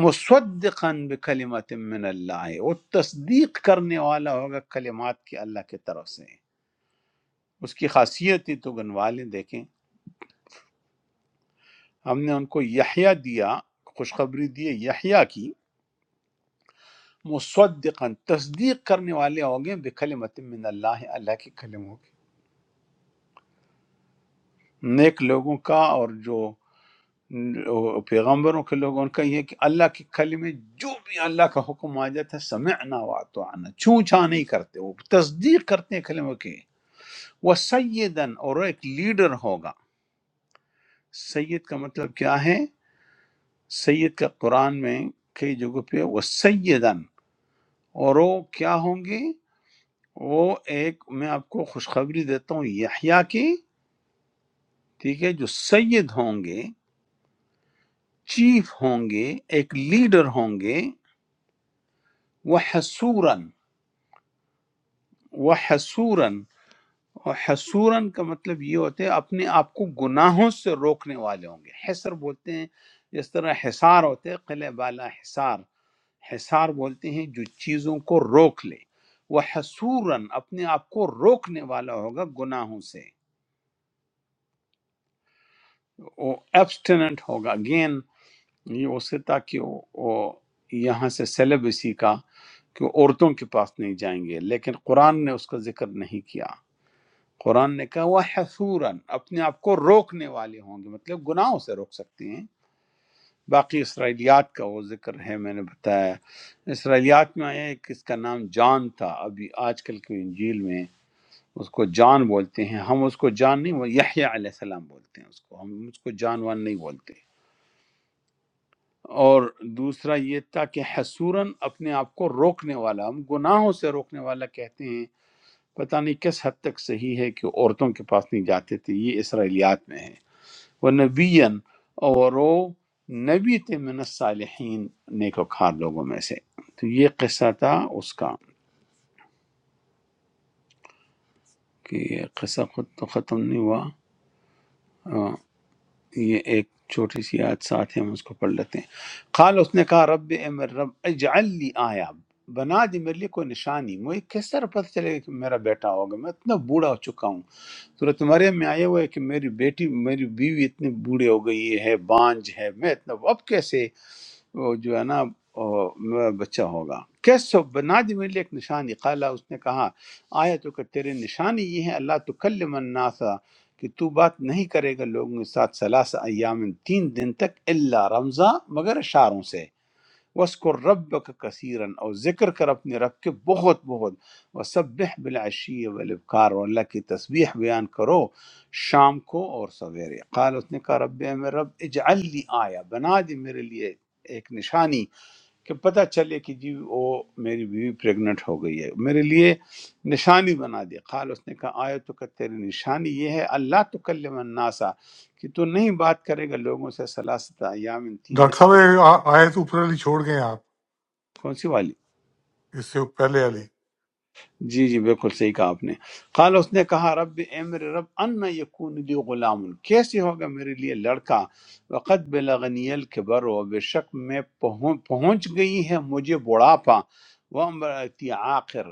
مصدقاً بکلمات من اللہ وہ تصدیق کرنے والا ہوگا کلمات کی اللہ کی طرف سے اس کی خاصیت ہی تو گنوا لیں دیکھیں ہم نے ان کو یحییٰ دیا خوشخبری دی یحییٰ کی مصدقاً تصدیق کرنے والے ہوں گے بکلمت من اللہ اللہ کے کلموں کی نیک لوگوں کا اور جو وہ پیغمبروں کے لوگ ان کا یہ کہ اللہ کے کلمے جو بھی اللہ کا حکم آ جاتا ہے سمعنا واتعنا چھو چھا نہیں کرتے وہ تصدیق کرتے ہیں کلموں کی وہ سیدن اور وہ ایک لیڈر ہوگا سید کا مطلب کیا ہے سید کا قرآن میں کئی جگہ پہ وہ سیدن اور وہ کیا ہوں گے وہ ایک میں آپ کو خوشخبری دیتا ہوں یحییٰ کی ٹھیک ہے جو سید ہوں گے چیف ہوں گے ایک لیڈر ہوں گے وہ حسوراً، وہ حسوراً اور حسوراً کا مطلب یہ ہوتا ہے اپنے آپ کو گناہوں سے روکنے والے ہوں گے حسر بولتے ہیں جس طرح حصار ہوتے ہیں قلعہ بالا حصار حصار بولتے ہیں جو چیزوں کو روک لے وہ حسوراً اپنے آپ کو روکنے والا ہوگا گناہوں سے وہ ایبسٹیننٹ ہوگا اگین یہ اس سے تاکہ وہ وہ یہاں سے سیلیبسی کا کہ وہ عورتوں کے پاس نہیں جائیں گے لیکن قرآن نے اس کا ذکر نہیں کیا قرآن نے کہا وہ حسوراً اپنے آپ کو روکنے والے ہوں گے مطلب گناہوں سے روک سکتے ہیں باقی اسرائیلیات کا وہ ذکر ہے میں نے بتایا اسرائیلیات میں آیا ایک اس کا نام جان تھا ابھی آج کل کی انجیل میں اس کو جان بولتے ہیں ہم اس کو جان نہیں بول یحییٰ علیہ السلام بولتے ہیں اس کو ہم اس کو جان وان نہیں بولتے اور دوسرا یہ تھا کہ حسوراً اپنے آپ کو روکنے والا ہم گناہوں سے روکنے والا کہتے ہیں پتہ نہیں کس حد تک صحیح ہے کہ عورتوں کے پاس نہیں جاتے تھے یہ اسرائیلیات میں ہے وہ نبین اور وہ نبی تھے من الصالحین نیکوکار لوگوں میں سے تو یہ قصہ تھا اس کا کہ یہ قصہ خود تو ختم نہیں ہوا ہاں، یہ ایک چھوٹی سی آیت ساتھ ہے ہم اس کو پڑھ لیتے ہیں قال اس نے کہا رب اے میرے رب اجعل لی آیا بنا دی میرے لیے کوئی نشانی مجھے کس طرح پتہ چلے گا کہ میرا بیٹا ہوگا میں اتنا بوڑھا ہو چکا ہوں صورت مریم میں آیا ہوا ہے کہ میری بیٹی میری بیوی اتنی بوڑھی ہو گئی ہے بانج ہے میں اتنا اب کیسے وہ جو ہے نا وہ میرا بچہ ہوگا کیسو بنا دی میرے لیے ایک نشانی قالا اس نے کہا آیا تو کہ تیرے نشانی یہ ہے اللہ تو کلم الناسا کہ تو بات نہیں کرے گا لوگوں کے ساتھ سلاس ایام تین دن تک اللہ رمضا مگر اشاروں سے وسکر رب کا کثیرن اور ذکر کر اپنے رب کے بہت بہت وسبح بالعشی والابکار اور اللہ کی تسبیح بیان کرو شام کو اور سویرے قال اس نے کہا رب اے میرے رب اجعل لی آیا بنا دی میرے لیے ایک نشانی کہ پتہ چلے کہ جی وہ میری بیوی پریگنٹ ہو گئی ہے میرے لیے نشانی بنا دی قال اس نے کہا آیا تو کہ تیری نشانی یہ ہے اللہ تکلم الناسا کہ تو نہیں بات کرے گا لوگوں سے سلاست ایام تین دن Doctor, have you read the upper aliyah? You have, کون سی والی yes. Before aliyah. جی جی بالکل صحیح کہا آپ نے قال اس نے کہا رب اے میرے رب ان یکون لی غلام کیسے ہوگا میرے لیے لڑکا وقد بلغنی الکبر و بے شک میں پہن- پہنچ گئی ہے مجھے بڑھاپا وہ امراتی آخر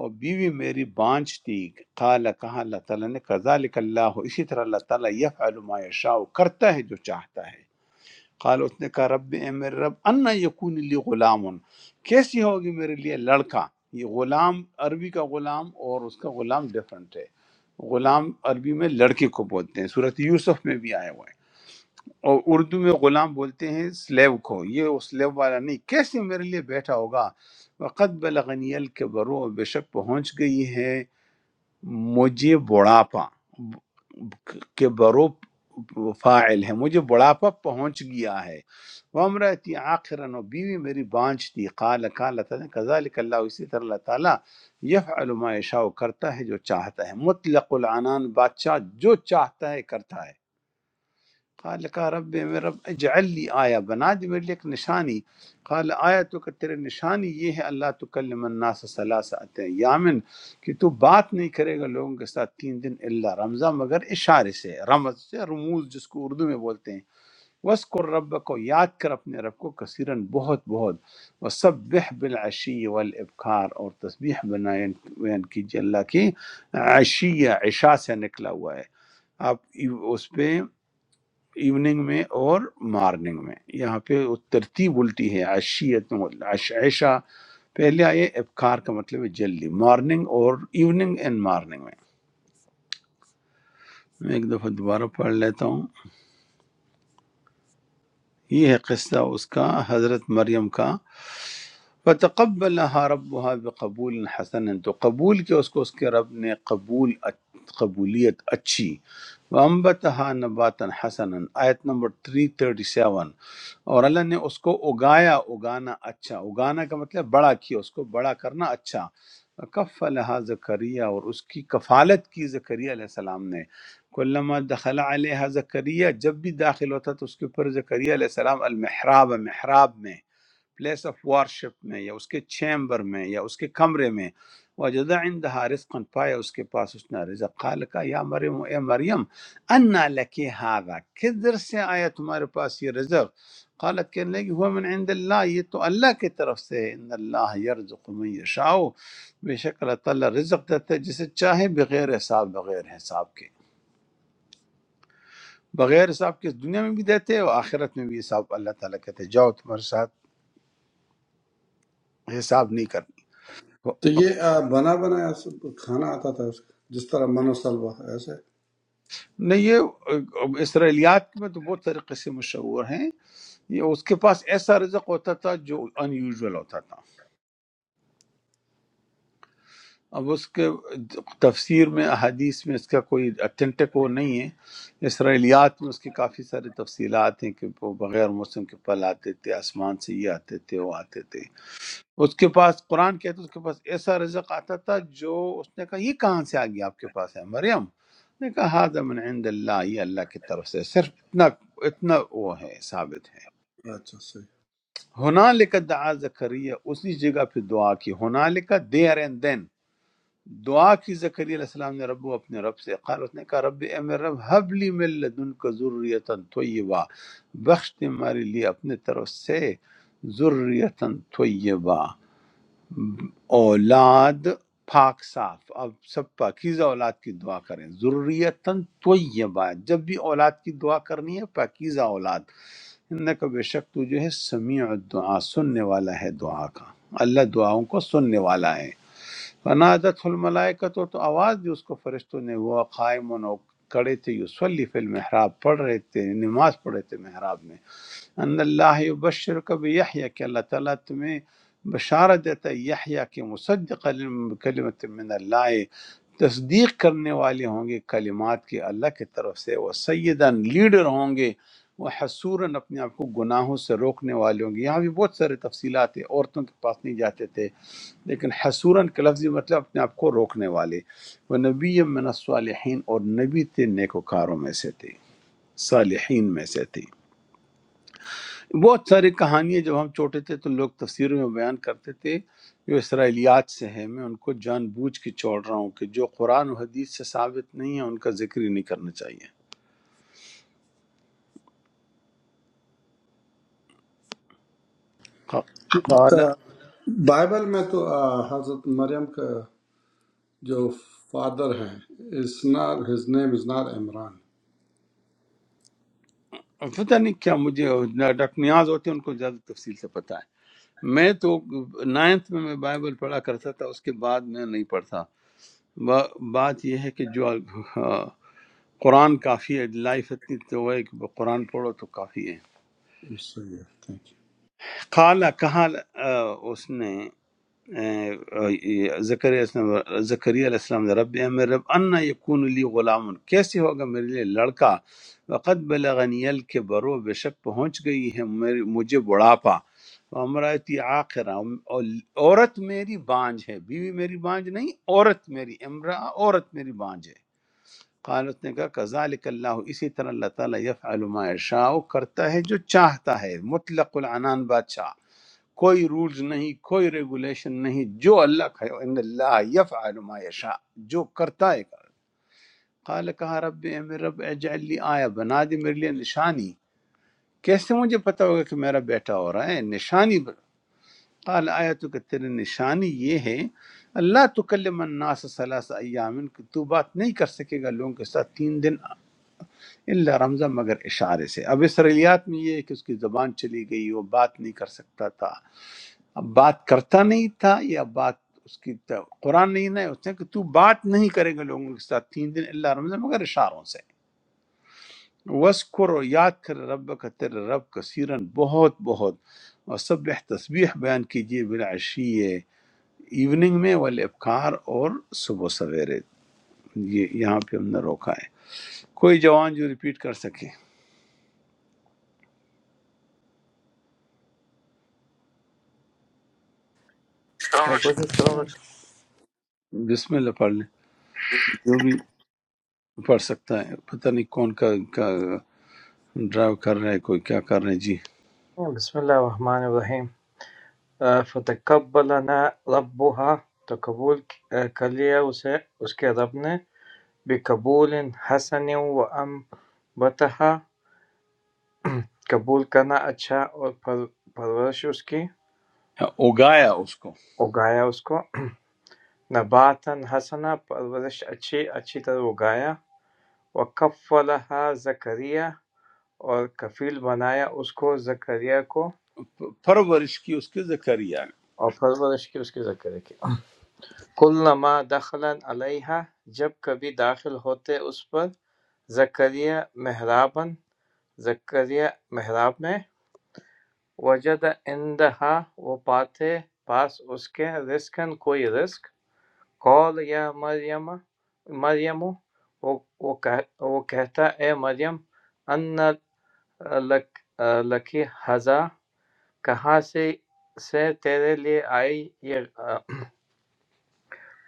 اور بیوی میری بانچ تھی قال کہا اللہ تعالیٰ نے کذالک اللہ اسی طرح اللہ تعالیٰ یفعل ما یشاء کرتا ہے جو چاہتا ہے قال اس نے کہا رب اے میرے رب انا یکون لی غلام کیسی ہوگی میرے لیے لڑکا یہ غلام عربی کا غلام اور اس کا غلام ڈیفرنٹ ہے غلام عربی میں لڑکے کو بولتے ہیں صورت یوسف میں بھی آئے ہوئے ہیں اور اردو میں غلام بولتے ہیں سلیو کو یہ وہ سلیو والا نہیں کیسے میرے لیے بیٹھا ہوگا وقت بلغنی کے برو بے شک پہنچ گئی ہے مجھے بڑھاپا کے برو فاعل ہے مجھے بڑھاپا پہنچ گیا ہے وامراتی عاقرن و بیوی میری بانج تھی قال کا اللہ تعالیٰ کذالک اللہ اسی طرح اللہ تعالیٰ یفعل ما یشاء کرتا ہے جو چاہتا ہے مطلق العنان بادشاہ جو چاہتا ہے کرتا ہے قال کا رب میرے رب اجعل لی آیا بنا دے میرے لیے ایک نشانی قال آیا تو کہ تیرے نشانی یہ ہے اللہ تکلم الناس ثلاثت یامن کہ تو بات نہیں کرے گا لوگوں کے ساتھ تین دن اللہ رمضان مگر اشارے سے رمز سے رموز جس کو اردو میں بولتے ہیں وسکر رب کو یاد کر اپنے رب کو کثیراً بہت بہت وسبح بالعشی والابکار اور تسبیح بنائیں بیان کیجیے اللہ کی عشی عشاء سے نکلا ہوا ہے آپ ایو- اس پہ ایوننگ میں اور مارننگ میں یہاں پہ وہ ترتیب الٹی ہے عشیت عش- عشاء پہلے آئے ابکار کا مطلب ہے جلدی مارننگ اور ایوننگ اینڈ مارننگ میں میں ایک دفعہ دوبارہ پڑھ لیتا ہوں یہ ہے قصہ اس کا حضرت مریم کا فتقبلها ربها بقبول حسن تو قبول کیا اس کو اس کے رب نے قبول قبولیت اچھی وَأَنبَتَهَا نَبَاتًا حَسَنًا آیت نمبر 337 اور اللہ نے اس کو اگایا اگانا اچھا اگانا کا مطلب بڑا کیا اس کو بڑا کرنا اچھا کف لہا زکریہ اور اس کی کفالت کی زکریہ علیہ السلام نے کلما دخل علیہ زکریہ جب بھی داخل ہوتا تو اس کے اوپر زکریہ علیہ السلام المحراب محراب میں پلیس آف وارشپ میں یا اس کے چیمبر میں یا اس کے کمرے میں وجد عندها رزقا پایا اس کے پاس اس نے رزق قال کا یا مریم اے مریم انا لکی هذا کدھر سے آیا تمہارے پاس یہ رزق قالت کہنے لگی ہوا من عند اللہ یہ تو اللہ کی طرف سے ہے۔ ان اللہ یرزق من یشاء بے شک اللہ تعالیٰ رزق دیتا ہے جسے چاہے بغیر حساب بغیر حساب کے بغیر حساب کے اس دنیا میں بھی دیتے ہیں اور آخرت میں بھی حساب اللہ تعالیٰ کہتے ہیں جاؤ تمہارے ساتھ حساب نہیں کرنا تو یہ آ، بنا بنایا سب کھانا آتا تھا اس کا جس طرح منو سلوا ایسے نہیں یہ اسرائیلیات میں تو بہت طریقے سے مشہور ہیں یہ اس کے پاس ایسا رزق ہوتا تھا جو ان یوزول ہوتا تھا اب اس کے تفسیر میں احادیث میں اس کا کوئی اتھینٹک وہ نہیں ہے اسرائیلیات میں اس کی کافی ساری تفصیلات ہیں کہ وہ بغیر موسم کے پھل آتے تھے آسمان سے یہ آتے تھے وہ آتے تھے اس کے پاس قرآن کہتا ہے اس کے پاس ایسا رزق آتا تھا جو اس نے کہا یہ کہاں سے آ گیا آپ کے پاس ہے مریم نے کہا ہاضا من عند اللہ یہ اللہ کی طرف سے صرف اتنا اتنا وہ ہے ثابت ہے اچھا صحیح ہونا لکھا دعا زکریہ اسی جگہ پہ دعا کی ہونا لکھا دیر اینڈ دین دعا کی زکریا علیہ السلام نے ربو اپنے رب سے قال اس نے کہا رب اے میرے رب حبلی من لدن کا ذریتاً طیبہ بخش دے ہمارے لیے اپنے طرف سے ذریتاً طیبہ اولاد پاک صاف اب سب پاکیزہ اولاد کی دعا کریں ضروریتاً طیبہ جب بھی اولاد کی دعا کرنی ہے پاکیزہ اولاد ان کا بے شک تو جو ہے سمیع الدعا سننے والا ہے دعا کا اللہ دعاؤں کو سننے والا ہے فنادت الملائکت تو آواز دی اس کو فرشتوں نے وہ قائم و کڑے تھے یصلی فی المحراب پڑھ رہے تھے نماز پڑھ رہے تھے محراب میں ان اللہ بشر کبھی یحییٰ کہ اللہ تعالیٰ تمہیں بشارت دیتا ہے یحییٰ کہ مصدق کلمت من اللہ تصدیق کرنے والے ہوں گے کلمات کے اللہ کی طرف سے وہ سیدن لیڈر ہوں گے وہ حصوراً اپنے آپ کو گناہوں سے روکنے والے ہوں گے یہاں بھی بہت سارے تفصیلات ہیں عورتوں کے پاس نہیں جاتے تھے لیکن حصوراً کا لفظی مطلب اپنے آپ کو روکنے والے وہ نبی من الصالحین اور نبی تھے نیکوکاروں میں سے تھے صالحین میں سے تھے بہت ساری کہانیاں جب ہم چھوٹے تھے تو لوگ تفسیروں میں بیان کرتے تھے جو اسرائیلیات سے ہیں میں ان کو جان بوجھ کے چھوڑ رہا ہوں کہ جو قرآن و حدیث سے ثابت نہیں ہے ان کا ذکر ہی نہیں کرنا چاہیے ق- قال آ، بائبل میں تو آ، حضرت مریم کا جو فادر ہے از نار ہز نیم از نار عمران پتہ نہیں کیا مجھے ڈاکٹر نیاز ہوتے ہیں ان کو زیادہ تفصیل سے پتہ ہے میں تو نائنتھ میں میں بائبل پڑھا کرتا تھا اس کے بعد میں نہیں پڑھتا با- بات یہ ہے کہ جو آ، قرآن کافی ہے لائف اتنی تو ہے کہ قرآن پڑھو تو کافی ہے صحیح ہے تھینک یو قالا کہا آ، اس نے زکریا السلام- زکریا علیہ السلام نے رب امر رب انا یکون لی غلام کیسے ہوگا میرے لیے لڑکا وقد بلغنی کے برو بے شک پہنچ گئی ہے میری مجھے بڑھاپا امراتی آخرا عورت میری بانج ہے بیوی میری بانج نہیں عورت میری امرا عورت میری بانج ہے قالت نے کہا کذالک اللہ اسی طرح اللہ تعالیٰ یفعل ما یشاء کرتا ہے جو چاہتا ہے مطلق العنان بادشاہ کوئی رولز نہیں کوئی ریگولیشن نہیں جو اللہ کا ہے ان اللہ یفعل ما یشاء جو کرتا ہے قال کہا رب اے میرے رب اجعل لی آیا بنا دی میرے لیے نشانی کیسے مجھے پتا ہوگا کہ میرا بیٹا ہو رہا ہے نشانی ب- قال آیا تو کہ تیری نشانی یہ ہے اللہ تکلم الناس ثلاث ایام کہ تو بات نہیں کر سکے گا لوگوں کے ساتھ تین دن اللہ رمزہ مگر اشارے سے اب اسرائیلیات میں یہ ہے کہ اس کی زبان چلی گئی وہ بات نہیں کر سکتا تھا اب بات کرتا نہیں تھا یا بات اس کی تا- قرآن نہیں نہ ہے اس نے کہ تو بات نہیں کرے گا لوگوں کے ساتھ تین دن اللہ رمضان مگر اشاروں سے وسکر و یاد کر رب کا تیرے رب کثیرن بہت بہت اور سب تسبیح بیان کیجیے بالعشی ایوننگ میں والابکار اور صبح سویرے یہ یہاں پہ ہم نے روکا ہے کوئی جوان جو ریپیٹ کر سکے میں کوشش کروں ڈاکٹر بسم اللہ پڑھ لیں جو بھی پڑھ سکتا ہے پتہ نہیں کون کا, کا ڈرائیو کر رہا ہے کوئی کیا کر رہے ہیں جی صاحب۔ بسم اللہ الرحمن الرحیم آ، فتقبلنا ربها تو قبول آ، کر لیا اسے اس کے رب نے بقبول حسن و بتہا قبول کرنا اچھا اور پر- پرورش اس کی ہاں، اگایا اس کو اگایا اس کو نباتا حسنا پرورش اچھی اچھی طرح اگایا وکفلہا زکریا اور کفیل بنایا اس کو زکریا کو پ- پرورش کی اس کے زکریا اور پرورش کی اس کی زکریا کی کلما دخل علیہا جب کبھی داخل ہوتے اس پر زکریا محرابً زکریا محراب میں وجد عندہا وہ پاتے پاس اس کے رزقًا کوئی رزق قول یا مریم مریم وہ وہ کہ- وہ کہتا اے مریم ان لک لکی حضا کہاں سے سے تیرے لیے آئی یہ آ،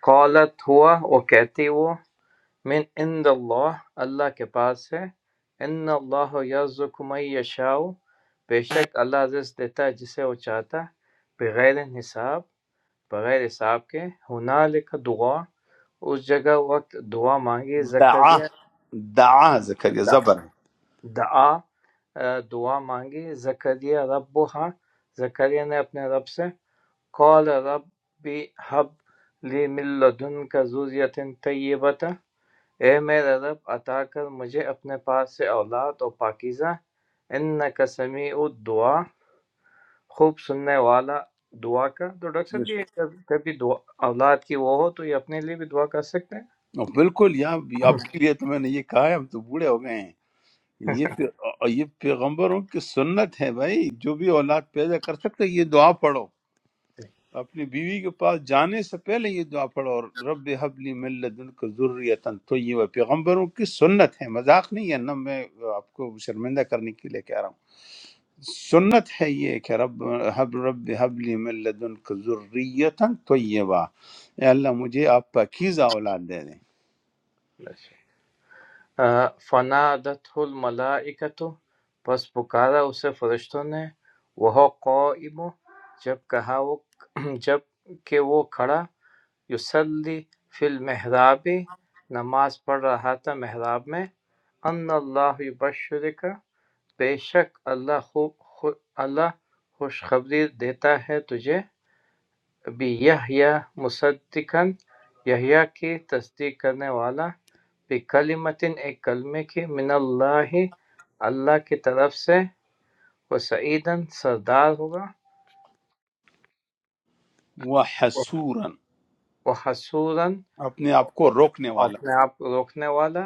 قالت ہوا وہ کہتی وہ من عند اللہ اللہ کے پاس ہے ان اللہ یرزق من یشاء بے شک اللہ رزق دیتا ہے جسے وہ چاہتا ہے بغیر حساب بغیر حساب کے ہنالک دعا اس جگہ وقت دعا مانگی دعا زکریا دعا زکریا دعا زبر دعا آ، دعا مانگی زکریا رب زکریا نے اپنے رب سے قال رب حب لی من لدن کا زوریت طیبت اے میرے رب عطا کر مجھے اپنے پاس سے اولاد اور پاکیزہ انک سمیع الدعا خوب سننے والا دعا کا تو ڈاکٹر ہے صاحب یہ کب- کبھی دعا اولاد کی وہ ہو تو یہ اپنے لیے بھی دعا کر سکتے اور بالکل یا آپ کے لیے تو میں نے یہ کہا ہے ہم تو بوڑھے ہو گئے ہیں یہ پی- یہ پیغمبروں کی سنت ہے بھائی جو بھی اولاد پیدا کر سکتے یہ دعا پڑھو اپنی بیوی کے پاس جانے سے پہلے یہ دعا پڑھو اور رب حبلی من لدنک ذریتن طیبہ پیغمبروں کی سنت ہے مذاق نہیں ہے نہ میں آپ کو شرمندہ کرنے کے لیے کہہ رہا ہوں سنت ہے یہ کہ رب حب رب حبلی من لدنک ذریتن طیبہ اے اللہ مجھے آپ پاکیزہ اولاد دے دیں ہیں فنا دت الملاکت پس پکارا اسے فرشتوں نے وہ قائم جب کہا وہ جب کہ وہ کھڑا یصلی فی المحراب نماز پڑھ رہا تھا محراب میں ان اللہ بشرک بے شک اللہ خوب خو- اللہ خوشخبری دیتا ہے تجھے بی یحییٰ مصدقن یحییٰ کی تصدیق کرنے والا بکلمتن ایک کلمے کی من اللہ اللہ کی طرف سے وہ سعیدن سردار ہوگا وحسورا وہ حسوراً اپنے آپ کو روکنے والا اپنے آپ کو روکنے والا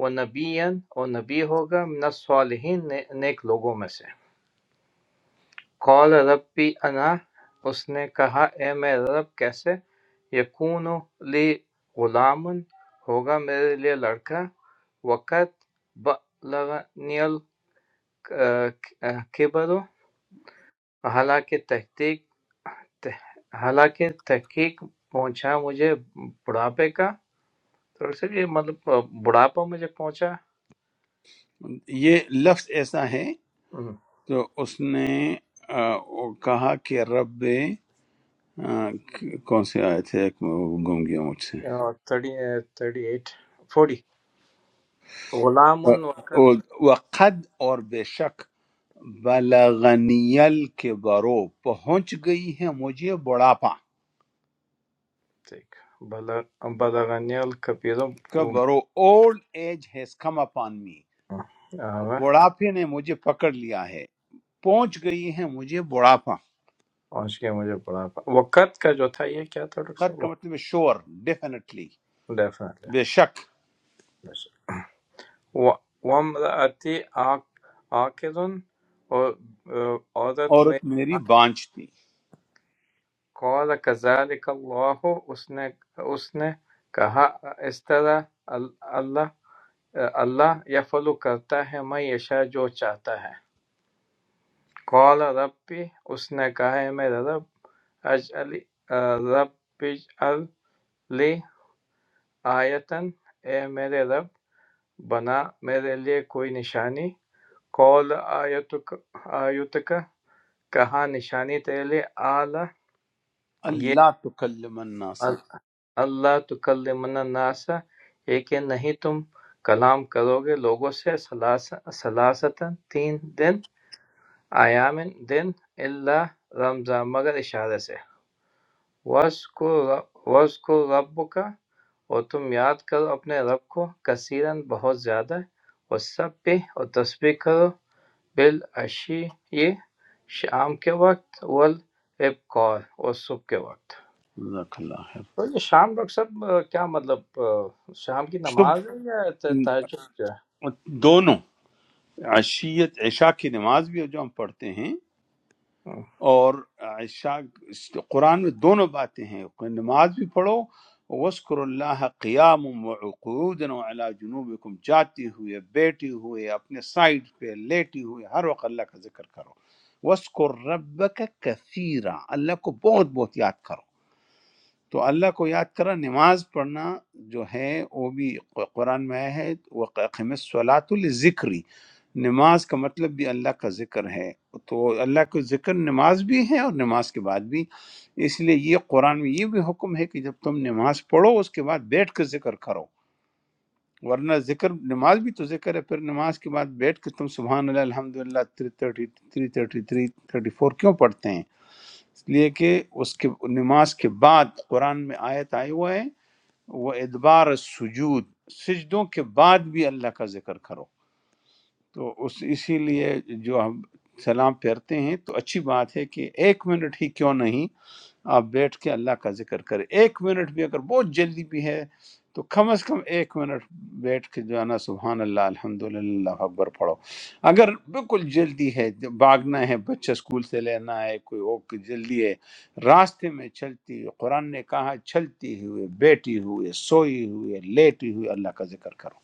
وہ نبیًا اور نبی ہوگا من الصالحین نیک لوگوں میں سے قال ربی انا اس نے کہا اے میرے رب کیسے یکون لی غلام ہوگا میرے لیے لڑکا وقت بلغنی الکبر حالانکہ تحقیق حالانکہ تحقیق پہنچا مجھے بڑھاپے کا تھوڑا سا یہ مطلب بڑھاپا مجھے پہنچا یہ لفظ ایسا ہے تو اس نے آ، کہا کہ رب ہاں، کون سی آیت ہے ایک میں وہ گم گیا مجھ سے تھرٹی ایٹ فورٹی غلام آ، وقت اور- وقد اور بے شک بلغنیل کے برو پہنچ گئی ہے مجھے بڑھاپا بدغنی الکبیر کہ برو old age has come upon me آوے، بڑھاپے نے مجھے پکڑ لیا ہے پہنچ گئی ہے مجھے بڑھاپا پہنچ گیا مجھے بڑا پا- وقت کا جو تھا یہ کیا تھا ڈاکٹر قد کا صاحب مطلب ہے شور ڈیفینیٹلی ڈیفینیٹلی بے شک ومرأتی آکرن اور آ، عورت میں عورت میری بانج تھی قال کذلک اللہ اس نے اس نے کہا اس طرح ال- اللہ اللہ یفعل کرتا ہے میں یشا جو چاہتا ہے قال ربی اس نے کہا ہے میرا رب رب اجعل لی آیتن اے میرے رب بنا میرے لیے کوئی نشانی قول آیتک آیتک کہا نشانی تیرے لیے اعلی یہ اللہ تکلم الناس اللہ تکلمنا الناس یہ کہ نہیں تم کلام کرو گے لوگوں سے سلاس- سلاستن تین دن ایامن دن اللہ رمضان مگر اشارے سے وَاذْكُرْ رَبُّكَ اور تم یاد کرو اپنے رب کو کثیرا بہت زیادہ اور سب پہ اور تسبیح کرو بالعشی یہ شام کے وقت والابکار اور صبح کے وقت جزاک اللہ خیر۔ تو یہ شام ڈاکٹر صاحب آ، کیا مطلب آ، شام کی تو نماز ہے یا ت- تہجد کیا دونوں عشیت عشاء کی نماز بھی ہے جو ہم پڑھتے ہیں ہے ہم۔ اور عشاء قرآن میں دونوں باتیں ہیں نماز بھی پڑھو وسکر اللہ قیام وقعود وعلا جنوبکم جاتے ہوئے بیٹھے ہوئے اپنے سائڈ پہ لیٹے ہوئے ہر وقت اللہ کا ذکر کرو وسکر ربک کثیرہ اللہ کو بہت بہت یاد کرو تو اللہ کو یاد کرنا نماز پڑھنا جو ہے وہ بھی قرآن میں آیا ہے وہ صلاۃ الذکری نماز کا مطلب بھی اللہ کا ذکر ہے تو اللہ کا ذکر نماز بھی ہے اور نماز کے بعد بھی اس لیے یہ قرآن میں یہ بھی حکم ہے کہ جب تم نماز پڑھو اس کے بعد بیٹھ کے ذکر کرو ورنہ ذکر نماز بھی تو ذکر ہے پھر نماز کے بعد بیٹھ کے تم سبحان اللہ الحمد للہ three thirty three thirty three thirty four کیوں پڑھتے ہیں اس لیے کہ اس کے نماز کے بعد قرآن میں آیت آئی ہوا ہے وہ ادبار سجود سجدوں کے بعد بھی اللہ کا ذکر کرو تو اس اسی لیے جو ہم سلام پھیرتے ہیں تو اچھی بات ہے کہ ایک منٹ ہی کیوں نہیں آپ بیٹھ کے اللہ کا ذکر کریں ایک منٹ بھی اگر بہت جلدی بھی ہے تو کم از کم ایک منٹ بیٹھ کے جو ہے نا سبحان اللہ الحمد للہ اکبر پڑھو اگر بالکل جلدی ہے بھاگنا ہے بچہ اسکول سے لینا ہے کوئی وہ کہ جلدی ہے راستے میں چلتی ہوئی قرآن نے کہا چلتی ہوئے بیٹھی ہوئے سوئی ہوئے لیٹی ہوئے اللہ کا ذکر کرو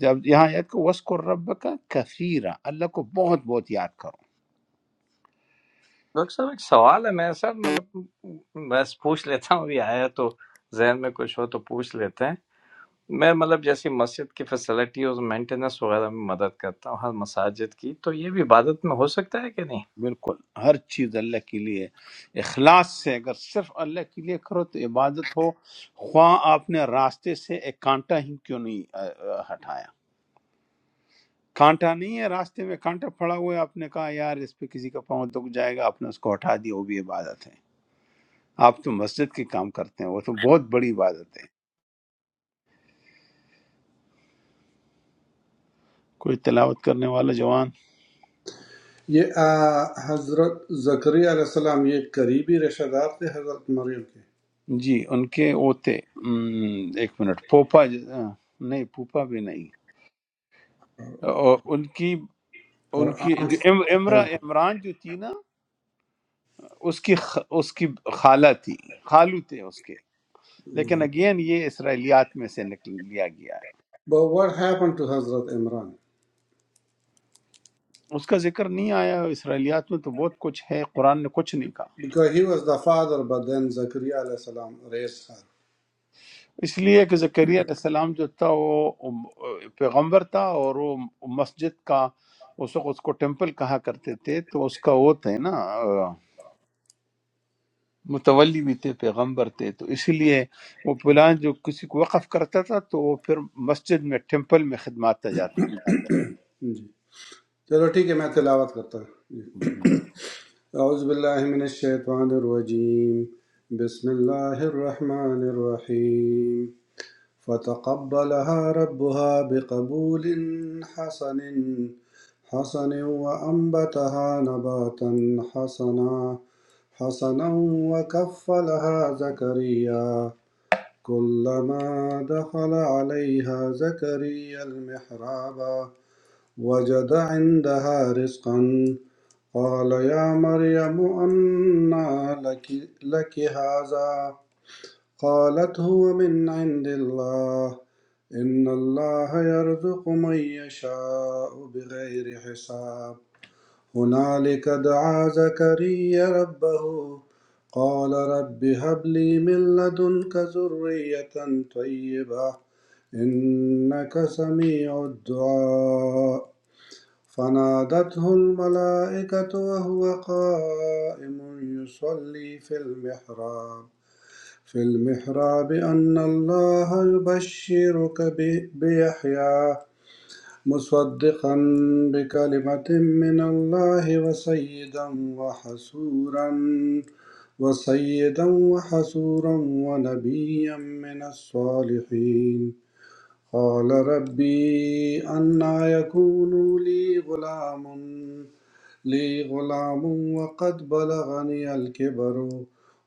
جب یہاں یاد کو وسکر رب کا کثیرہ اللہ کو بہت بہت یاد کرو ڈاکٹر صاحب ایک سوال ہے میرے ساتھ مطلب بس پوچھ لیتا ہوں ابھی آیا تو ذہن میں کچھ ہو تو پوچھ لیتے ہیں میں مطلب جیسے مسجد کی فیسلٹی اور مینٹیننس وغیرہ میں مدد کرتا ہوں ہر مساجد کی تو یہ بھی عبادت میں ہو سکتا ہے کہ نہیں بالکل ہر چیز اللہ کے لیے ہے۔ اخلاص سے اگر صرف اللہ کے لیے کرو تو عبادت ہو خواہ آپ نے راستے سے ایک کانٹا ہی کیوں نہیں آ، آ، ہٹایا کانٹا نہیں ہے راستے میں کانٹا پڑا ہوا ہے آپ نے کہا یار اس پہ کسی کا پاؤں دک جائے گا آپ نے اس کو ہٹا دیا وہ بھی عبادت ہے آپ تو مسجد کے کام کرتے ہیں وہ تو بہت بڑی عبادت ہے کوئی تلاوت کرنے والا جوان یہ آ، حضرت زکریا علیہ السلام یہ قریبی رشتہ دار تھے حضرت مریم کے جی ان کے وہ تھے ہم، ایک منٹ پوپا ج- آ، نہیں پوپا بھی نہیں اور ان کی ہر ان کی آنٹ جو ام- امرا عمران جو تھی نا اس کی خ- اس کی خالہ تھی خالو تھے اس کے لیکن اگین یہ اسرائیلیات میں سے نکل لیا گیا ہے But what happened to حضرت عمران اس کا ذکر نہیں آیا اسرائیلیات میں تو بہت کچھ ہے قرآن نے کچھ نہیں کہا because he was the father but then زکریا علیہ السلام raised her اس لیے کہ زکریا علیہ السلام جو تھا وہ ام- پیغمبر تھا اور وہ مسجد کا اس وقت اس کو ٹیمپل کہا کرتے تھے تو اس کا وہ تھے نا متولی بھی تھے پیغمبر تھے تو اسی لیے وہ پلان جو کسی کو وقف کرتا تھا تو وہ پھر مسجد میں ٹیمپل میں خدمات جاتا انجام دیتا جی چلو ٹھیک ہے میں تلاوت کرتا ہوں جی۔ جی أعوذ بالله من الشيطان الرجيم بسم الله الرحمن الرحيم فتقبلها ربها بقبول حسن حسن وأنبتها نباتا حسنا حسنا وكفلها زكريا كلما دخل عليها زكريا المحراب وجد عندها رزقا قال يا مريم أنى لك, لك هذا قالت هو من عند الله إن الله يرزق من يشاء بغير حساب هنالك دعا زكريا ربه قال رب هب لي من لدنك ذرية طيبة إنك سميع الدعاء فنادته الملائكة وهو قائم يصلي في المحراب في المحراب أن الله يبشرك ب- بيحيى مصدقا بكلمة من الله وسيدا وحسورا وسيدا وحسورا ونبيا من الصالحين قال ربي أنى يكون لي غلام لي غلام وقد بلغني الكبر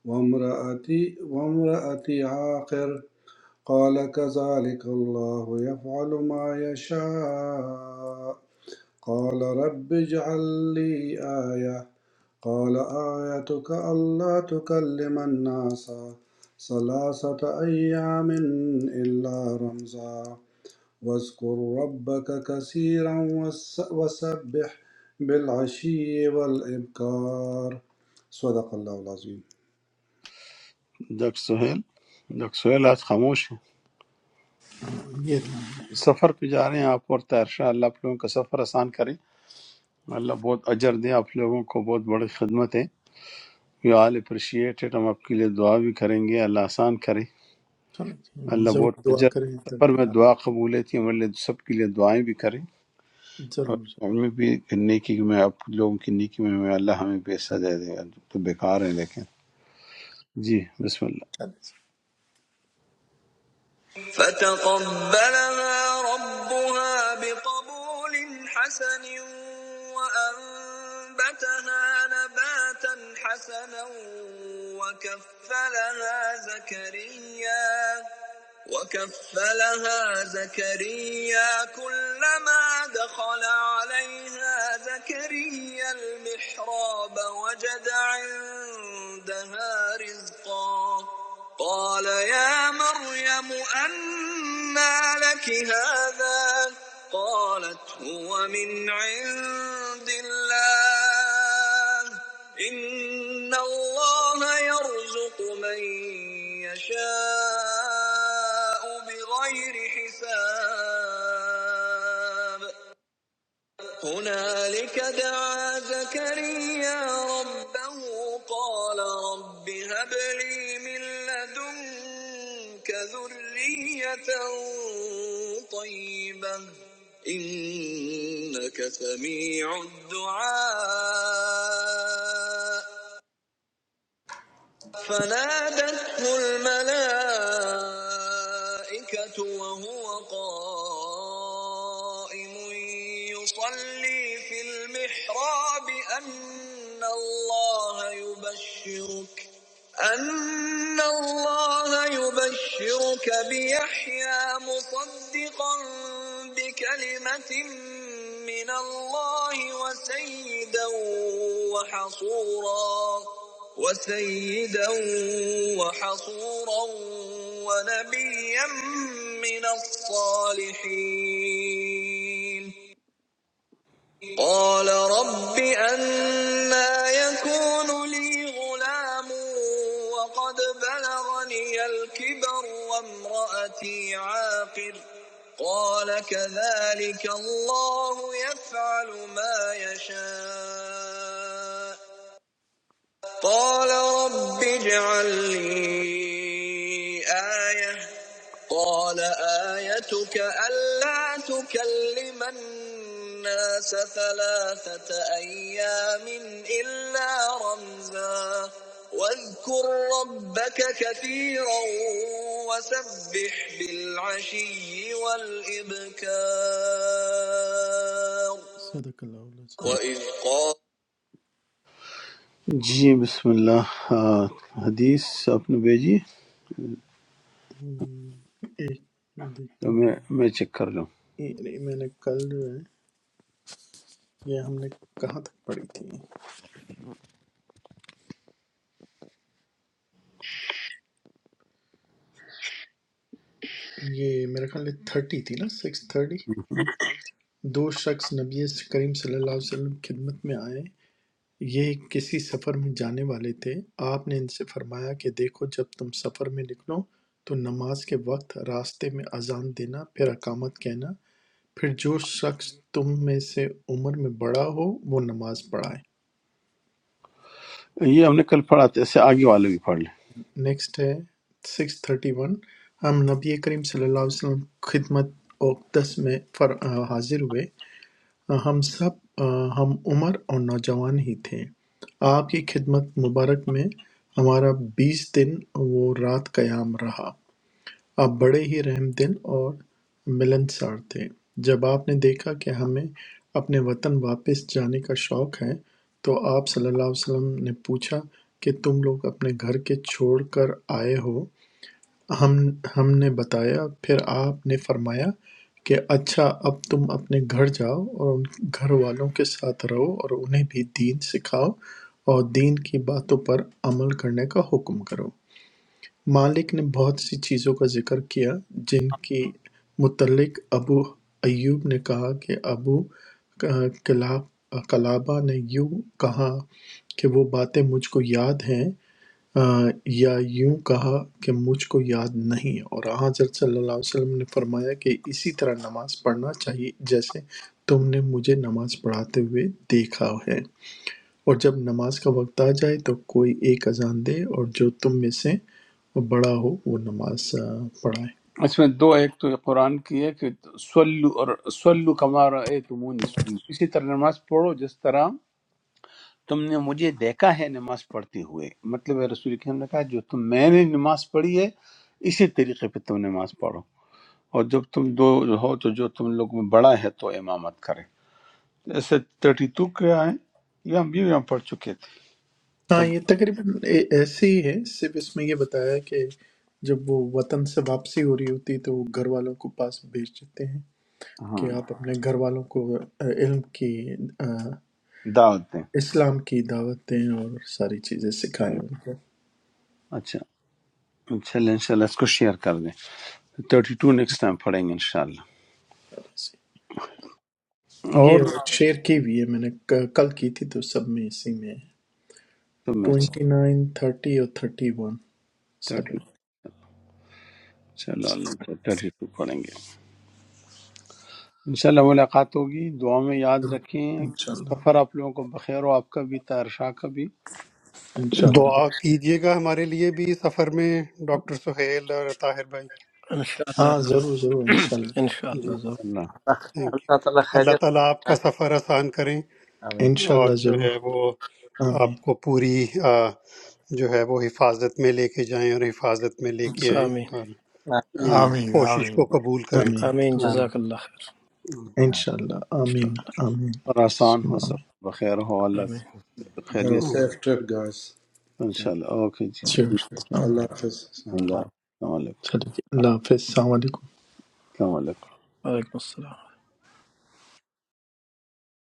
وامرأتي وامرأتي عاقر قال كذلك الله يفعل ما يشاء قال رب اجعل لي آية قال آيتك ألا تكلم الناس ثلاثة أيام إلا رمزا واذكر ربك كثيرا وس- وسبح بالعشي والإبكار صدق الله العظيم ڈاکٹر سہیل ڈاکٹر سہیل آج خاموش ہیں یہ اللہ- سفر پہ جا رہے ہیں آپ اور تیرشا اللہ آپ لوگوں کا سفر آسان کریں اللہ بہت اجر دے آپ لوگوں کو بہت بڑی خدمت ہے یو آل اپریشیٹ اٹ، ہم آپ کے لیے دعا بھی کریں گے اللہ آسان کرے چلیں، اللہ ضرور بہت دعا اجر کریں سفر تاکہ میں دعا قبول ہے تھی ہمارے لیے سب کے لیے دعائیں بھی کریں آپ اور ضرور ضرور ہمیں بھی نیکی میں آپ لوگوں کی نیکی میں ہمیں اللہ ہمیں بھی حصہ دے دے گا تو بیکار ہیں لیکن جی بسم اللہ چلیں فتقبلها ربها بقبول حسن وأنبتها نباتا حسنا وكفلها زكريا وكفلها زكريا كلما دخل عليها زكريا المحراب وجد عندها رزقا قال يا مريم أنى لك هذا قالت هو من عند الله إن الله يرزق من يشاء بغير حساب هنالك دعا زكريا ربه قال رب هب لي من لدنك ذرية طيبة إنك سميع الدعاء فنادته الملائكة وهو قائم يصلي في المحراب أن الله يبشرك أن الله يبشرك بيحيى مصدقا بكلمة من الله وسيدا وحصورا وسيدا وحصورا ونبيا من الصالحين قال رب أنا يكون لي غلام وقد بلغني الكبر وامرأتي عاقر قال كذلك الله يفعل ما يشاء قال رب اجعل لي آية قال آيتك ألا تكلم الناس ثلاثة أيام إلا رمزا واذكر ربك كثيرا وسبح بالعشي والإبكار صدق الله العظيم. وإذ قال جی بسم اللہ آ، حدیث آپ نے بھیجی एक تو देखता हूँ میں میں چیک کر لوں ये- नहीं, मैंने कल जो है ये हमने कहाँ तक पढ़ी थी یہ میرے خیال ہے تھرٹی تھی نا سکس تھرٹی ہوں۔ دو شخص نبی کریم صلی اللہ علیہ وسلم کی خدمت میں آئے یہ کسی سفر میں جانے والے تھے آپ نے ان سے فرمایا کہ دیکھو جب تم سفر میں نکلو تو نماز کے وقت راستے میں اذان دینا پھر اقامت کہنا پھر جو شخص تم میں سے عمر میں بڑا ہو وہ نماز پڑھائے یہ ہم نے کل پڑھا تھا اس سے آگے والے بھی پڑھ لیں نیکسٹ ہے سکس تھرٹی ون ہم نبی کریم صلی اللہ علیہ وسلم خدمت اوقدس میں فر آ، حاضر ہوئے ہم سب ہم عمر اور نوجوان ہی تھے آپ کی خدمت مبارک میں ہمارا بیس دن وہ رات قیام رہا آپ بڑے ہی رحم دل اور ملنسار تھے جب آپ نے دیکھا کہ ہمیں اپنے وطن واپس جانے کا شوق ہے تو آپ صلی اللہ علیہ وسلم نے پوچھا کہ تم لوگ اپنے گھر کے چھوڑ کر آئے ہو ہم ہم نے بتایا پھر آپ نے فرمایا کہ اچھا اب تم اپنے گھر جاؤ اور ان گھر والوں کے ساتھ رہو اور انہیں بھی دین سکھاؤ اور دین کی باتوں پر عمل کرنے کا حکم کرو مالک نے بہت سی چیزوں کا ذکر کیا جن کی متعلق ابو ایوب نے کہا کہ ابو کلاب کلابہ نے یوں کہا کہ وہ باتیں مجھ کو یاد ہیں آ، یا یوں کہا کہ مجھ کو یاد نہیں اور آن حضرت صلی اللہ علیہ وسلم نے فرمایا کہ اسی طرح نماز پڑھنا چاہیے جیسے تم نے مجھے نماز پڑھاتے ہوئے دیکھا ہے اور جب نماز کا وقت آ جائے تو کوئی ایک اذان دے اور جو تم میں سے بڑا ہو وہ نماز آ، پڑھائے اس میں دو ایک تو یہ قرآن کی ہے کہ سلو اور سلو کمارا اے تمونی سلو اسی طرح نماز پڑھو جس طرح تم نے مجھے دیکھا ہے نماز پڑھتے ہوئے مطلب ہے رسول کریم نے کہا جو تم میں نے نماز پڑھی ہے اسی طریقے پہ تم نماز پڑھو اور جب تم دو ہو تو جو تم لوگ میں بڑا ہے تو امامت کرے ایسے تھرٹی ٹو کے آئے یہ ہم بھی یہاں پڑھ چکے تھے ہاں اب یہ تقریباً اے- ایسے ہی ہے صرف اس میں یہ بتایا ہے کہ جب وہ وطن سے واپسی ہو رہی ہوتی ہے تو وہ گھر والوں کو پاس بھیج دیتے ہیں ہاں کہ آپ اپنے گھر والوں کو علم کی آ، دعوت دیں اسلام کی دعوت دیں اور ساری چیزیں سکھائیں ان کو اچھا چلیں انشاءاللہ اس کو شیئر کر دیں تھرٹی ٹو نیکسٹ ٹائم پڑھیں گے انشاءاللہ اور یہ شیئر کی ہوئی ہے میں نے ک- کل کی تھی تو سب میں اسی میں تم میں ٹوینٹی نائن تھرٹی اور تھرٹی ون سب تھرٹی ہے چلو اللہ تھرٹی ٹو پڑھیں گے انشاءاللہ ملاقات ہوگی دعاؤں میں یاد رکھیں انشاءاللہ سفر آپ لوگوں کو بخیر ہو آپ کا بھی تارشاہ کا بھی انشاءاللہ دعا کیجیے گا ہمارے لیے بھی سفر میں ڈاکٹر سہیل اور طاہر بھائی انشاءاللہ ہاں ضرور ضرور ضرور انشاءاللہ *clears throat* انشاءاللہ جی ضرور انشاءاللہ اللہ تھینک یو اللہ تعالیٰ اللہ خیریت تعالیٰ آپ کا سفر آسان کریں آمین اور انشاءاللہ جو ضرور ہے وہ آمین آپ کو پوری آ، جو ہے وہ حفاظت میں لے کے جائیں اور حفاظت میں لے کے ضرور، آئیں آمین اور آمین I آپ آمين کی mean, I کوشش کو mean. قبول کریں آمین آمین آمین جزاک اللہ خیر آمین انشاءاللہ آمین انشاءاللہ آمین آمین اور آسان سم ہو آمین سفر بخیر ہو اللہ آمین سے Have a خیریت safe trip guys Thank انشاءاللہ اوکے you. Sure. جی السلام Allah علیکم۔ Hafiz Assalamu alaikum. اللہ السلام علیکم چلیے اللہ حافظ السلام علیکم السلام علیکم